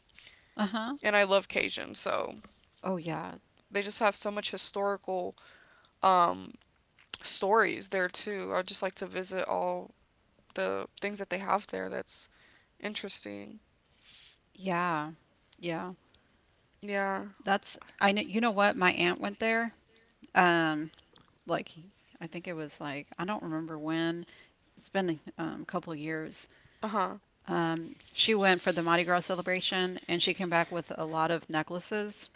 Uh-huh. and I love Cajun, so Oh yeah. they just have so much historical um stories there too. I'd just like to visit all the things that they have there that's interesting. Yeah. Yeah. Yeah. That's I know you know what? My aunt went there. Um like I think it was like I don't remember when. It's been a couple years. Uh huh. She went for the Mardi Gras celebration and she came back with a lot of necklaces.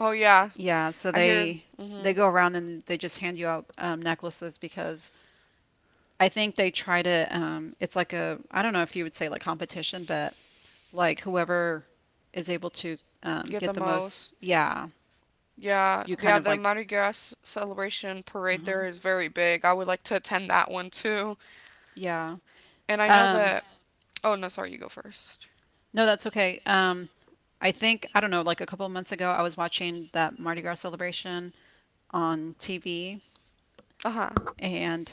Oh yeah. Yeah, so I hear. they Mhm. go around and they just hand you out necklaces because I think they try to it's like a I don't know if you would say like competition, but like whoever is able to Get the get the most, most. yeah, Yeah. you kind Yeah. of The like Mardi Gras celebration parade there uh is very big. I would like to attend that one too. yeah. And I know that. Um, Oh no, sorry. You go first. no, that's okay. I think, I don't know, like a couple of months ago, I was watching that Mardi Gras celebration on TV. Uh huh. And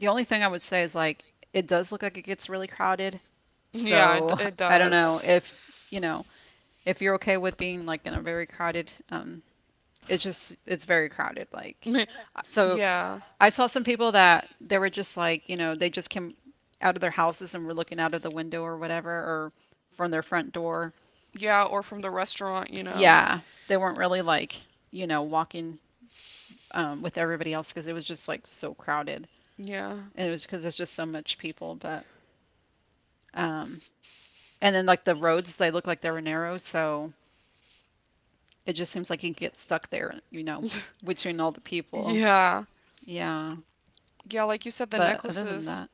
the only thing I would say is like it does look like it gets really crowded. Yeah. It So it I don't know does. if you know if you're okay with being like in a very crowded. It's just it's very crowded. Like so, Yeah. I saw some people that they were just like you know they just came out of their houses and were looking out of the window or whatever or from their front door. Yeah. Or from the restaurant. Yeah, they weren't really like you know walking with everybody else because it was just like so crowded. Yeah. And it was because there's just so much people. But um, and then like the roads, they look like they were narrow, so it just seems like you can get stuck there, you know, between all the people. Yeah. Yeah. Yeah. Like you But said, the other than that, necklaces.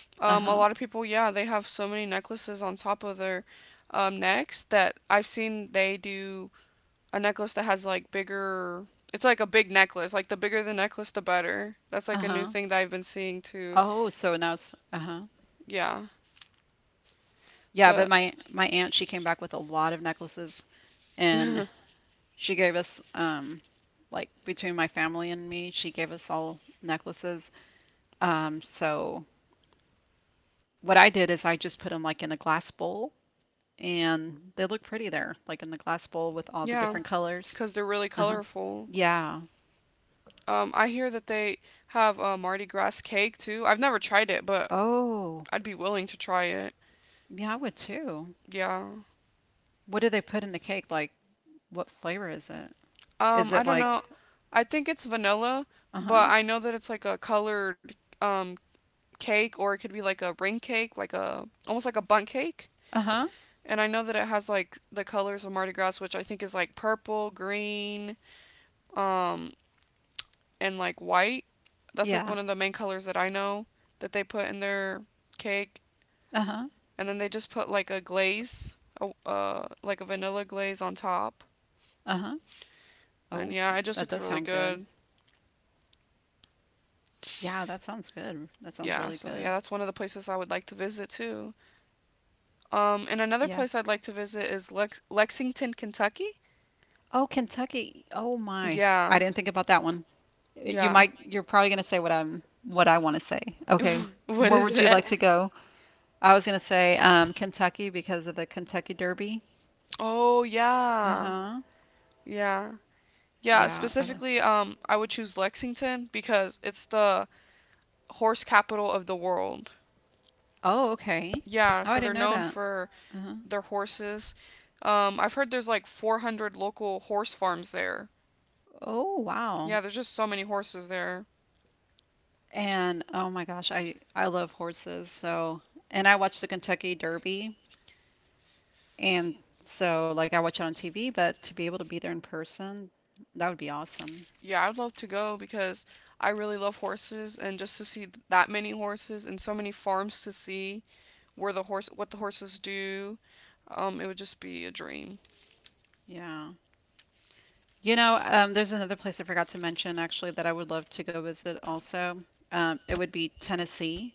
uh-huh. A lot of people, yeah, they have so many necklaces on top of their necks that I've seen. They do a necklace that has like bigger. It's like a big necklace. Like the bigger the necklace, the better. That's like a new Uh-huh. thing that I've been seeing too. Oh, so now it's uh-huh. Yeah, Yeah, but but my aunt, she came back with a lot of necklaces and she gave us like between my family and me, she gave us all necklaces. So what I did is I just put them like in a glass bowl and they look pretty there, like in the glass bowl with all the yeah, different colors. because they're really Uh-huh. colorful. Yeah. I hear that they have a Mardi Gras cake too. I've never tried it, but Oh, I'd be willing to try it. yeah, I would too. Yeah. What do they put in the cake? Like, what flavor is it? Is I it don't like, know. I think it's vanilla, uh-huh, but I know that it's like a colored um cake, or it could be like a ring cake, like a almost like a bunt cake. uh-huh, And I know that it has like the colors of Mardi Gras, which I think is like purple, green, um, and like white. That's like yeah, one of the main colors that I know that they put in their cake. uh-huh, And then they just put like a glaze, like a vanilla glaze on top. uh-huh. And Oh, yeah, it just that looks does really sound good. good. Yeah, that sounds good. That sounds Yeah, really so yeah, good. that's one of the places I would like to visit too. And another Yeah. place I'd like to visit is Lexington, Kentucky. Oh, Kentucky. Oh my. I Yeah, didn't think about that one. Yeah. You're probably gonna say what I want to say. Okay. What Where is would you it? like to go? I was gonna say, Kentucky because of the Kentucky Derby. Oh yeah, Uh-huh. yeah, yeah. Yeah, I like. Specifically, I would choose Lexington because it's the horse capital of the world. Oh, okay. Yeah, Oh, I so they're didn't know known that. for Uh-huh. their horses. I've heard there's like 400 local horse farms there. Oh, Yeah, there's wow. just so many horses there. And oh my gosh, I love horses. So, and I watch the Kentucky Derby, and so like I watch it on TV, but to be able to be there in person, that would be awesome. Yeah, I'd love to go because I really love horses and just to see that many horses and so many farms to see where the horse what the horses do. It would just be a dream. Yeah. You know, there's another place I forgot to mention actually that I would love to go visit also. It would be Tennessee.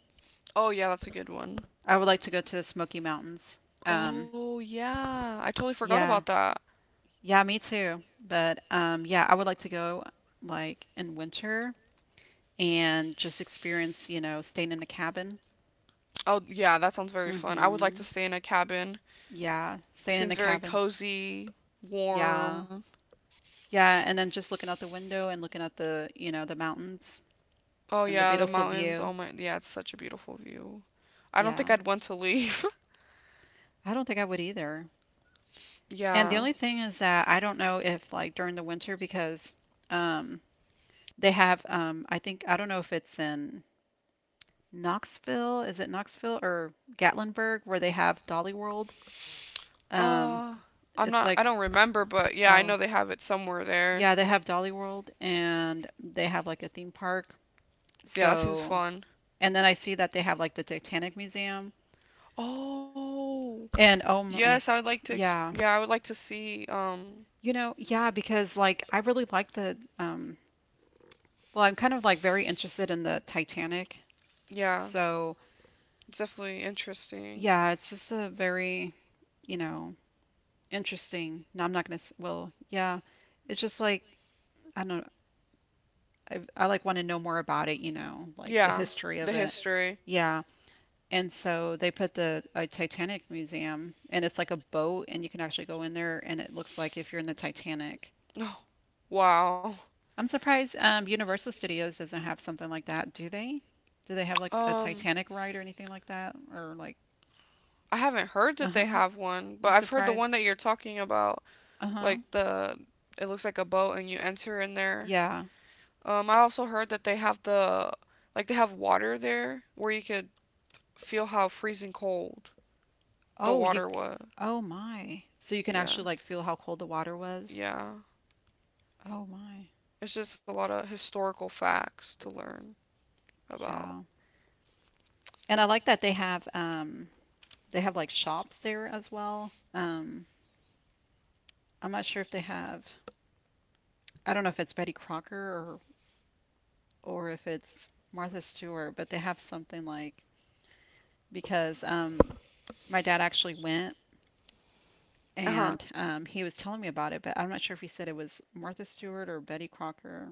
Oh yeah, that's a good one. I would like to go to the Smoky Mountains. Um, Oh yeah, I totally forgot yeah, about that. yeah, me too. But yeah, I would like to go like in winter and just experience, you know, staying in the cabin. Oh yeah, that sounds very fun. I would like Mm-hmm. to stay in a cabin. Yeah, staying in Seems the very cabin. cozy, Yeah. warm. Yeah, and then just looking out the window and looking at the, you know, the mountains Oh and the yeah, the beautiful mountains. Oh view. my, yeah, it's such a beautiful view. I don't think Yeah. I'd want to leave. I don't think I would either. And the Yeah. only thing is that I don't know if like during the winter because um they have I think I don't know if it's in Knoxville, is it Knoxville or Gatlinburg where they have Dolly World? Um, Uh, it's I like, don't remember, but yeah, I oh, know they have it somewhere there. yeah, they have Dolly World and they have like a theme park. Yeah, that seems So, fun. and then I see that they have like the Titanic Museum. Oh, And oh yes, I my, would like to exp yeah, yeah, I would like to see, you know, yeah, because like I really like the, well, I'm kind of like very interested in the Titanic. yeah, So, it's definitely interesting. yeah, it's just a very, you know, interesting. No, I'm not gonna, s- well, yeah, it's just like, I don't I like want to know more about it, you know, like the Yeah. history of The it. history. Yeah. And so they put the a Titanic museum, and it's like a boat, and you can actually go in there, and it looks like if you're in the Titanic. No. Wow. I'm surprised Universal Studios doesn't have something like that. Do they? Do they have like a Um, Titanic ride or anything like that? Or like, I haven't heard that they uh-huh. have one, I'm but I've heard the one surprised. that you're talking about, Uh-huh. like the it looks like a boat and you enter in there. Yeah. I also heard that they have the like they have water there where you could feel how freezing cold the Oh, you. water c- was. Oh my. So you can Yeah. actually like feel how cold the water was. Yeah. Oh my. It's just a lot of historical facts to learn about. Yeah. And I like that they have like shops there as well. I'm not sure if they have. I don't know if it's Betty Crocker or if it's Martha Stewart, but they have something like because my dad actually went Uh-huh. and he was telling me about it, but I'm not sure if he said it was Martha Stewart or Betty Crocker.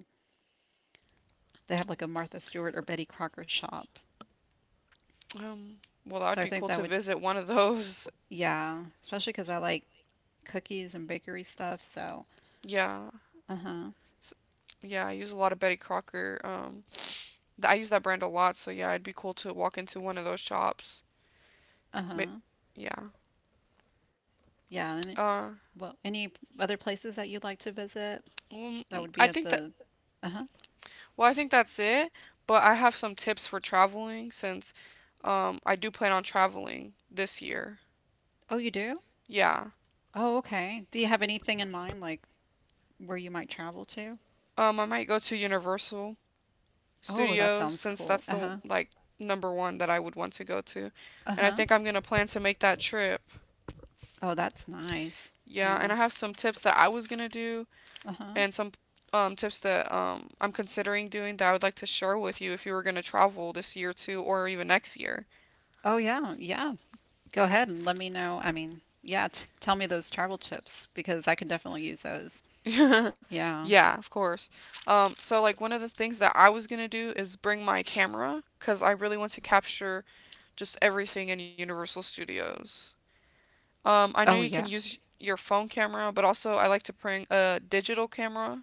They have like a Martha Stewart or Betty Crocker shop. Um, well, So that'd I be think cool that to would visit one of those. yeah, especially because I like cookies and bakery stuff, so Yeah. uh-huh. So, Yeah, I use a lot of Betty Crocker. I use that brand a lot, so yeah, it'd be cool to walk into one of those shops. Ma- Uh-huh. Yeah. Yeah, and it- Uh, well, any other places that you'd like to visit? well, That mm, would be I at think that the uh-huh. well, I think that's it. But I have some tips for traveling since I do plan on traveling this year. Oh, you do? Yeah. Oh, okay. Do you have anything in mind, like where you might travel to? I might go to Universal Oh, that Studios sounds since cool. that's the Uh-huh. like number one that I would want to go to, and I Uh-huh. think I'm gonna plan to make that trip. Oh, that's nice. Yeah, and Yeah. I have some tips that I was gonna do Uh-huh. and some tips that I'm considering doing that I would like to share with you if you were going to travel this year too, or even next year. Oh, yeah. Yeah. Go ahead and let me know. I mean, yeah, t tell me those travel tips because I can definitely use those. Yeah. Yeah, of course. So, like, one of the things that I was going to do is bring my camera because I really want to capture just everything in Universal Studios. I know you Oh, can yeah. use your phone camera, but also I like to bring a digital camera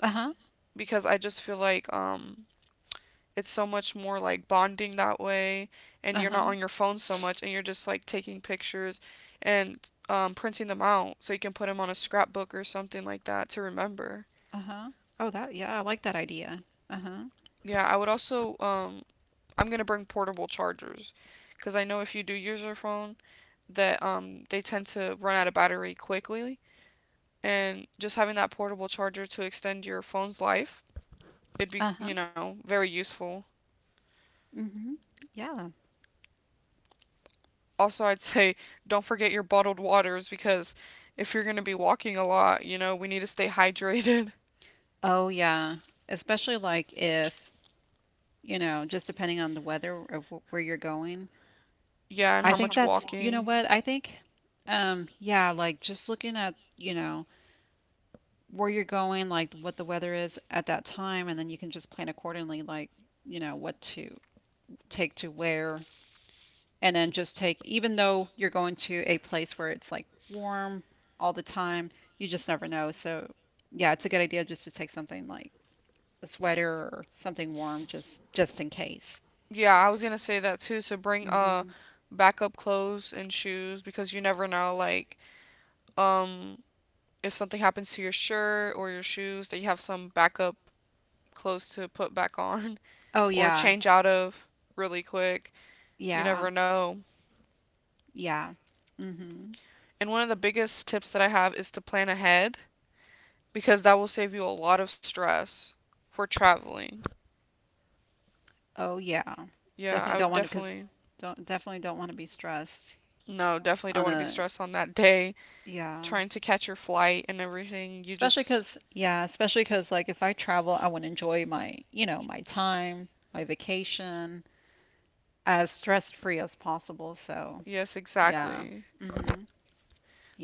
Uh-huh. because I just feel like it's so much more like bonding that way, and you're not Uh-huh. on your phone so much, and you're just like taking pictures and printing them out so you can put them on a scrapbook or something like that to remember. Uh-huh. Oh, yeah, I like that idea. Uh-huh. Yeah, I would also, I'm going to bring portable chargers because I know if you do use your phone that they tend to run out of battery quickly, and just having that portable charger to extend your phone's life, it'd be, Uh-huh. Very useful. Mm-hmm. Yeah. Also, I'd say don't forget your bottled waters because if you're going to be walking a lot, we need to stay hydrated. Oh, yeah. Especially like if, you know, just depending on the weather of where you're going. Yeah, and I how think much that's, you know walking. what? I think, yeah, like just looking at, you know, where you're going, like what the weather is at that time, and then you can just plan accordingly, like, you know, what to take to wear, and then just take, even though you're going to a place where it's like warm all the time, you just never know. So, yeah, it's a good idea just to take something like a sweater or something warm just in case. Yeah, I was going to say that too. So bring Hmm. backup clothes and shoes because you never know, like um if something happens to your shirt or your shoes, that you have some backup clothes to put back on Oh or yeah. change out of really quick. You Yeah. never know. Yeah. Hmm. And one of the biggest tips that I have is to plan ahead, because that will save you a lot of stress for traveling. Oh yeah. Yeah, Definitely I don't would want to because definitely don't definitely don't want to be stressed no, definitely don't on want to be a stressed on that day yeah. trying to catch your flight and everything. You just Especially because like if I travel, I want to enjoy my you know my time, my vacation as stress free as possible. So Yes, yeah. exactly. Mhm.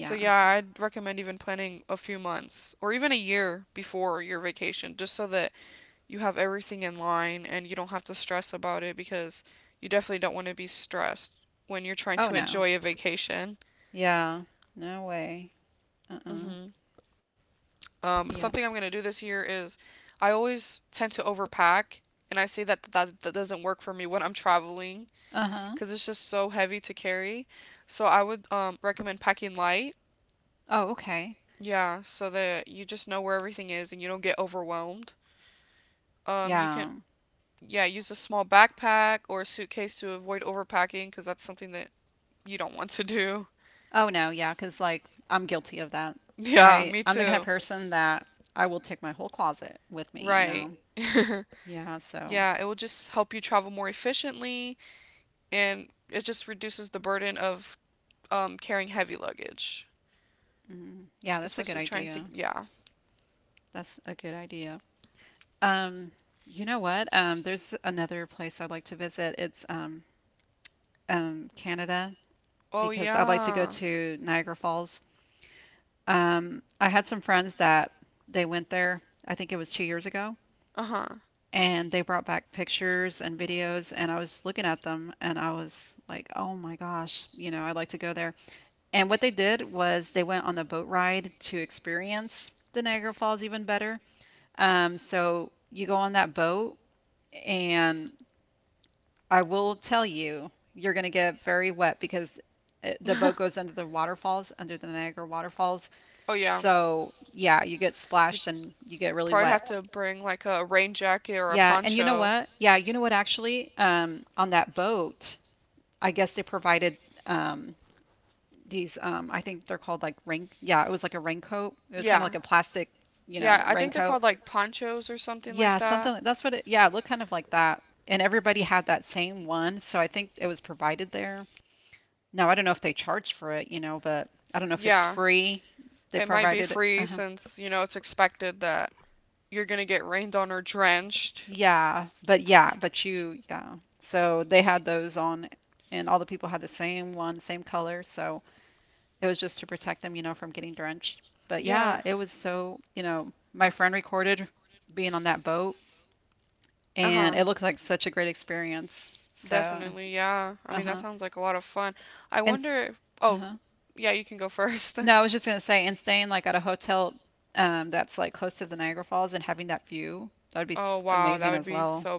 So yeah, I'd recommend even planning a few months or even a year before your vacation just so that you have everything in line and you don't have to stress about it, because you definitely don't want to be stressed when you're trying Oh to no. enjoy a vacation. Yeah. No way. Uh-uh. Mm-hmm. Yeah. Something I'm gonna do this year is, I always tend to overpack, and I see that that doesn't work for me when I'm traveling, Uh-huh. cause it's just so heavy to carry. So I would recommend packing light. Oh okay. Yeah, so that you just know where everything is and you don't get overwhelmed. You can, Yeah. yeah, use a small backpack or a suitcase to avoid overpacking, cause that's something that you don't want to do. Oh no, yeah, 'cause like I'm guilty of that. Yeah, I hmm me I'm the kind of too. person that I will take my whole closet with me, you Right. know. Exactly. Yeah, Yeah, it will just help you travel more efficiently, and it just reduces the burden of carrying heavy luggage, yeah, that's a especially good trying to. idea. Yeah. That's a good idea. Um, you know what? There's another place I'd like to visit. It's Canada Oh because I'd like to go Oh, yeah. to Niagara Falls. I had some friends that they went there. I think it was 2 years ago, Uh huh. and they brought back pictures and videos and I was looking at them and I was like, "Oh my gosh, you know, I'd like to go there." And what they did was they went on the boat ride to experience the Niagara Falls even better. So you go on that boat and I will tell you, you're going to get very wet because it, the boat goes under the waterfalls, under the Niagara waterfalls, Oh yeah. so, yeah, you get You'd splashed and you get really probably wet. have to bring like a rain jacket or a Yeah, and you know poncho. what? Yeah, you know what actually? On that boat, I guess they provided um these I think they're called like rain yeah, it was like a raincoat. It was kind of Yeah. like a plastic, you Yeah. know, I think they're raincoat. called like ponchos or something like Yeah, that. something like- that's what it yeah, it looked kind of like that. And everybody had that same one, so I think it was provided there. Now, I don't know if they charge for it, you know, but I don't know if it's Yeah. free. They It might be provided it. free uh since it's expected that you're gonna get rained on or drenched. Yeah, but you, yeah. So they had those on, and all the people had the same one, same color. So it was just to protect them, you know, from getting drenched. But Yeah. yeah, it was so, you know, my friend recorded being on that boat, Uh and huh. it looked like such a great experience. So, Definitely. Yeah. I mean, that uh-huh. sounds like a lot of fun. I And, s- wonder if. Oh, uh-huh. yeah, you can go first. No, I was just gonna say, and staying like at a hotel, that's like close to the Niagara Falls and having that view, that would be Oh, s- wow. That amazing would as be well. so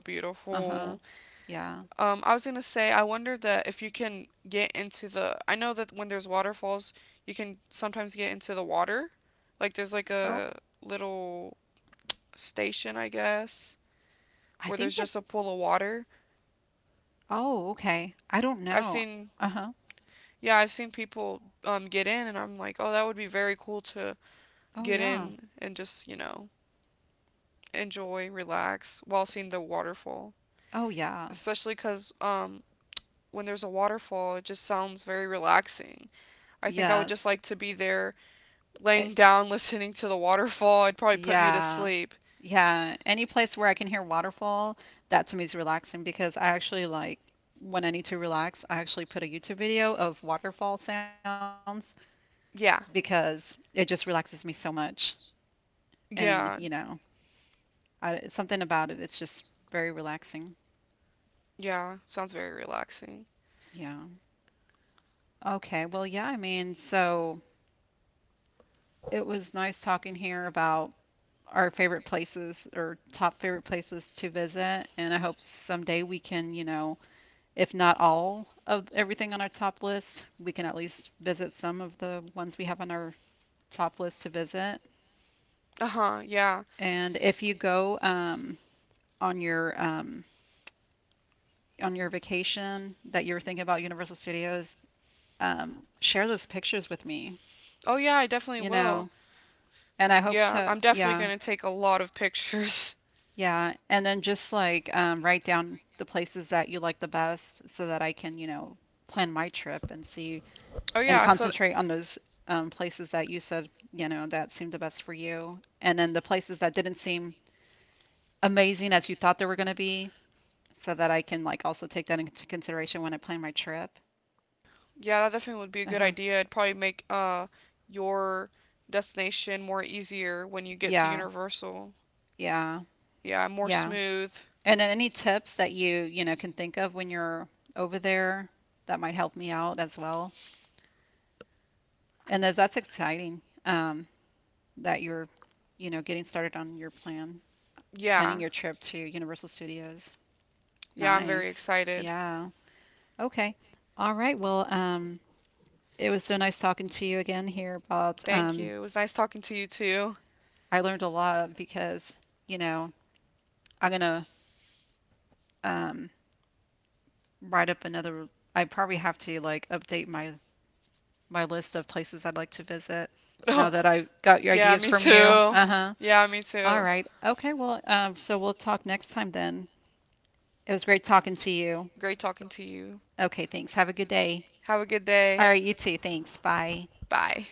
Uh-huh. beautiful. Yeah. I was gonna say, I wonder that if you can get into the. I know that when there's waterfalls, you can sometimes get into the water. Like, there's like Oh, a little station, I guess, I where think there's that. just a pool of water. Oh, okay. I don't I've know. seen. Uh-huh. Yeah, I've seen people, get in, and I'm like, oh, that would be very cool to Oh, get yeah. in and just, enjoy, relax while seeing the waterfall. Oh, yeah. Especially because when there's a waterfall, it just sounds very relaxing. I think I would just Yes. like to be there It, laying down listening to the waterfall. It'd probably put me to yeah. sleep. Yeah. Any place where I can hear waterfall, that to me is relaxing because I actually like when I need to relax, I actually put a YouTube video of waterfall sounds Yeah. because it just relaxes me so much. And, you Yeah. know, I, something about it, it's just very relaxing. Yeah. Sounds very relaxing. Yeah. Okay. Well, yeah, I mean, so it was nice talking here about our favorite places or top favorite places to visit. And I hope someday we can, you know, if not all of everything on our top list, we can at least visit some of the ones we have on our top list to visit. Uh huh. Yeah. And if you go on your um, on your vacation that you were thinking about Universal Studios, share those pictures with me. Oh, yeah, I definitely You will. know, and I hope Yeah, so. I'm definitely Yeah. gonna take a lot of pictures. Yeah. And then just like write down the places that you like the best so that I can, you know, plan my trip and see Oh, and yeah, concentrate on those places that you said, you know, that seemed the best for you. And then the places that didn't seem amazing as you thought they were going to be so that I can like also take that into consideration when I plan my trip. yeah, that definitely would be a good Uh-huh. idea. It'd probably make your destination more easier when you get to Yeah. Universal. Yeah. Yeah, more Yeah. smooth. And then any tips that you know, can think of when you're over there that might help me out as well. And that's exciting that you're, you know, getting started on your plan, planning Yeah. your trip to Universal Studios. Yeah, I'm very Nice. excited. Yeah. Okay. All right. Well, it was so nice talking to you again here about, Thank you. It was nice talking to you too. I learned a lot because, you know, I'm gonna um, write up another, I probably have to like update my my list of places I'd like to visit now Oh, that I got your yeah, ideas me from you. too. Uh huh. Yeah, me All too. right. Okay. Well, so we'll talk next time then. It was great talking to you. Great talking to you. Okay. Thanks. Have a good day. Have a good All day. right. You too. Thanks. Bye. Bye.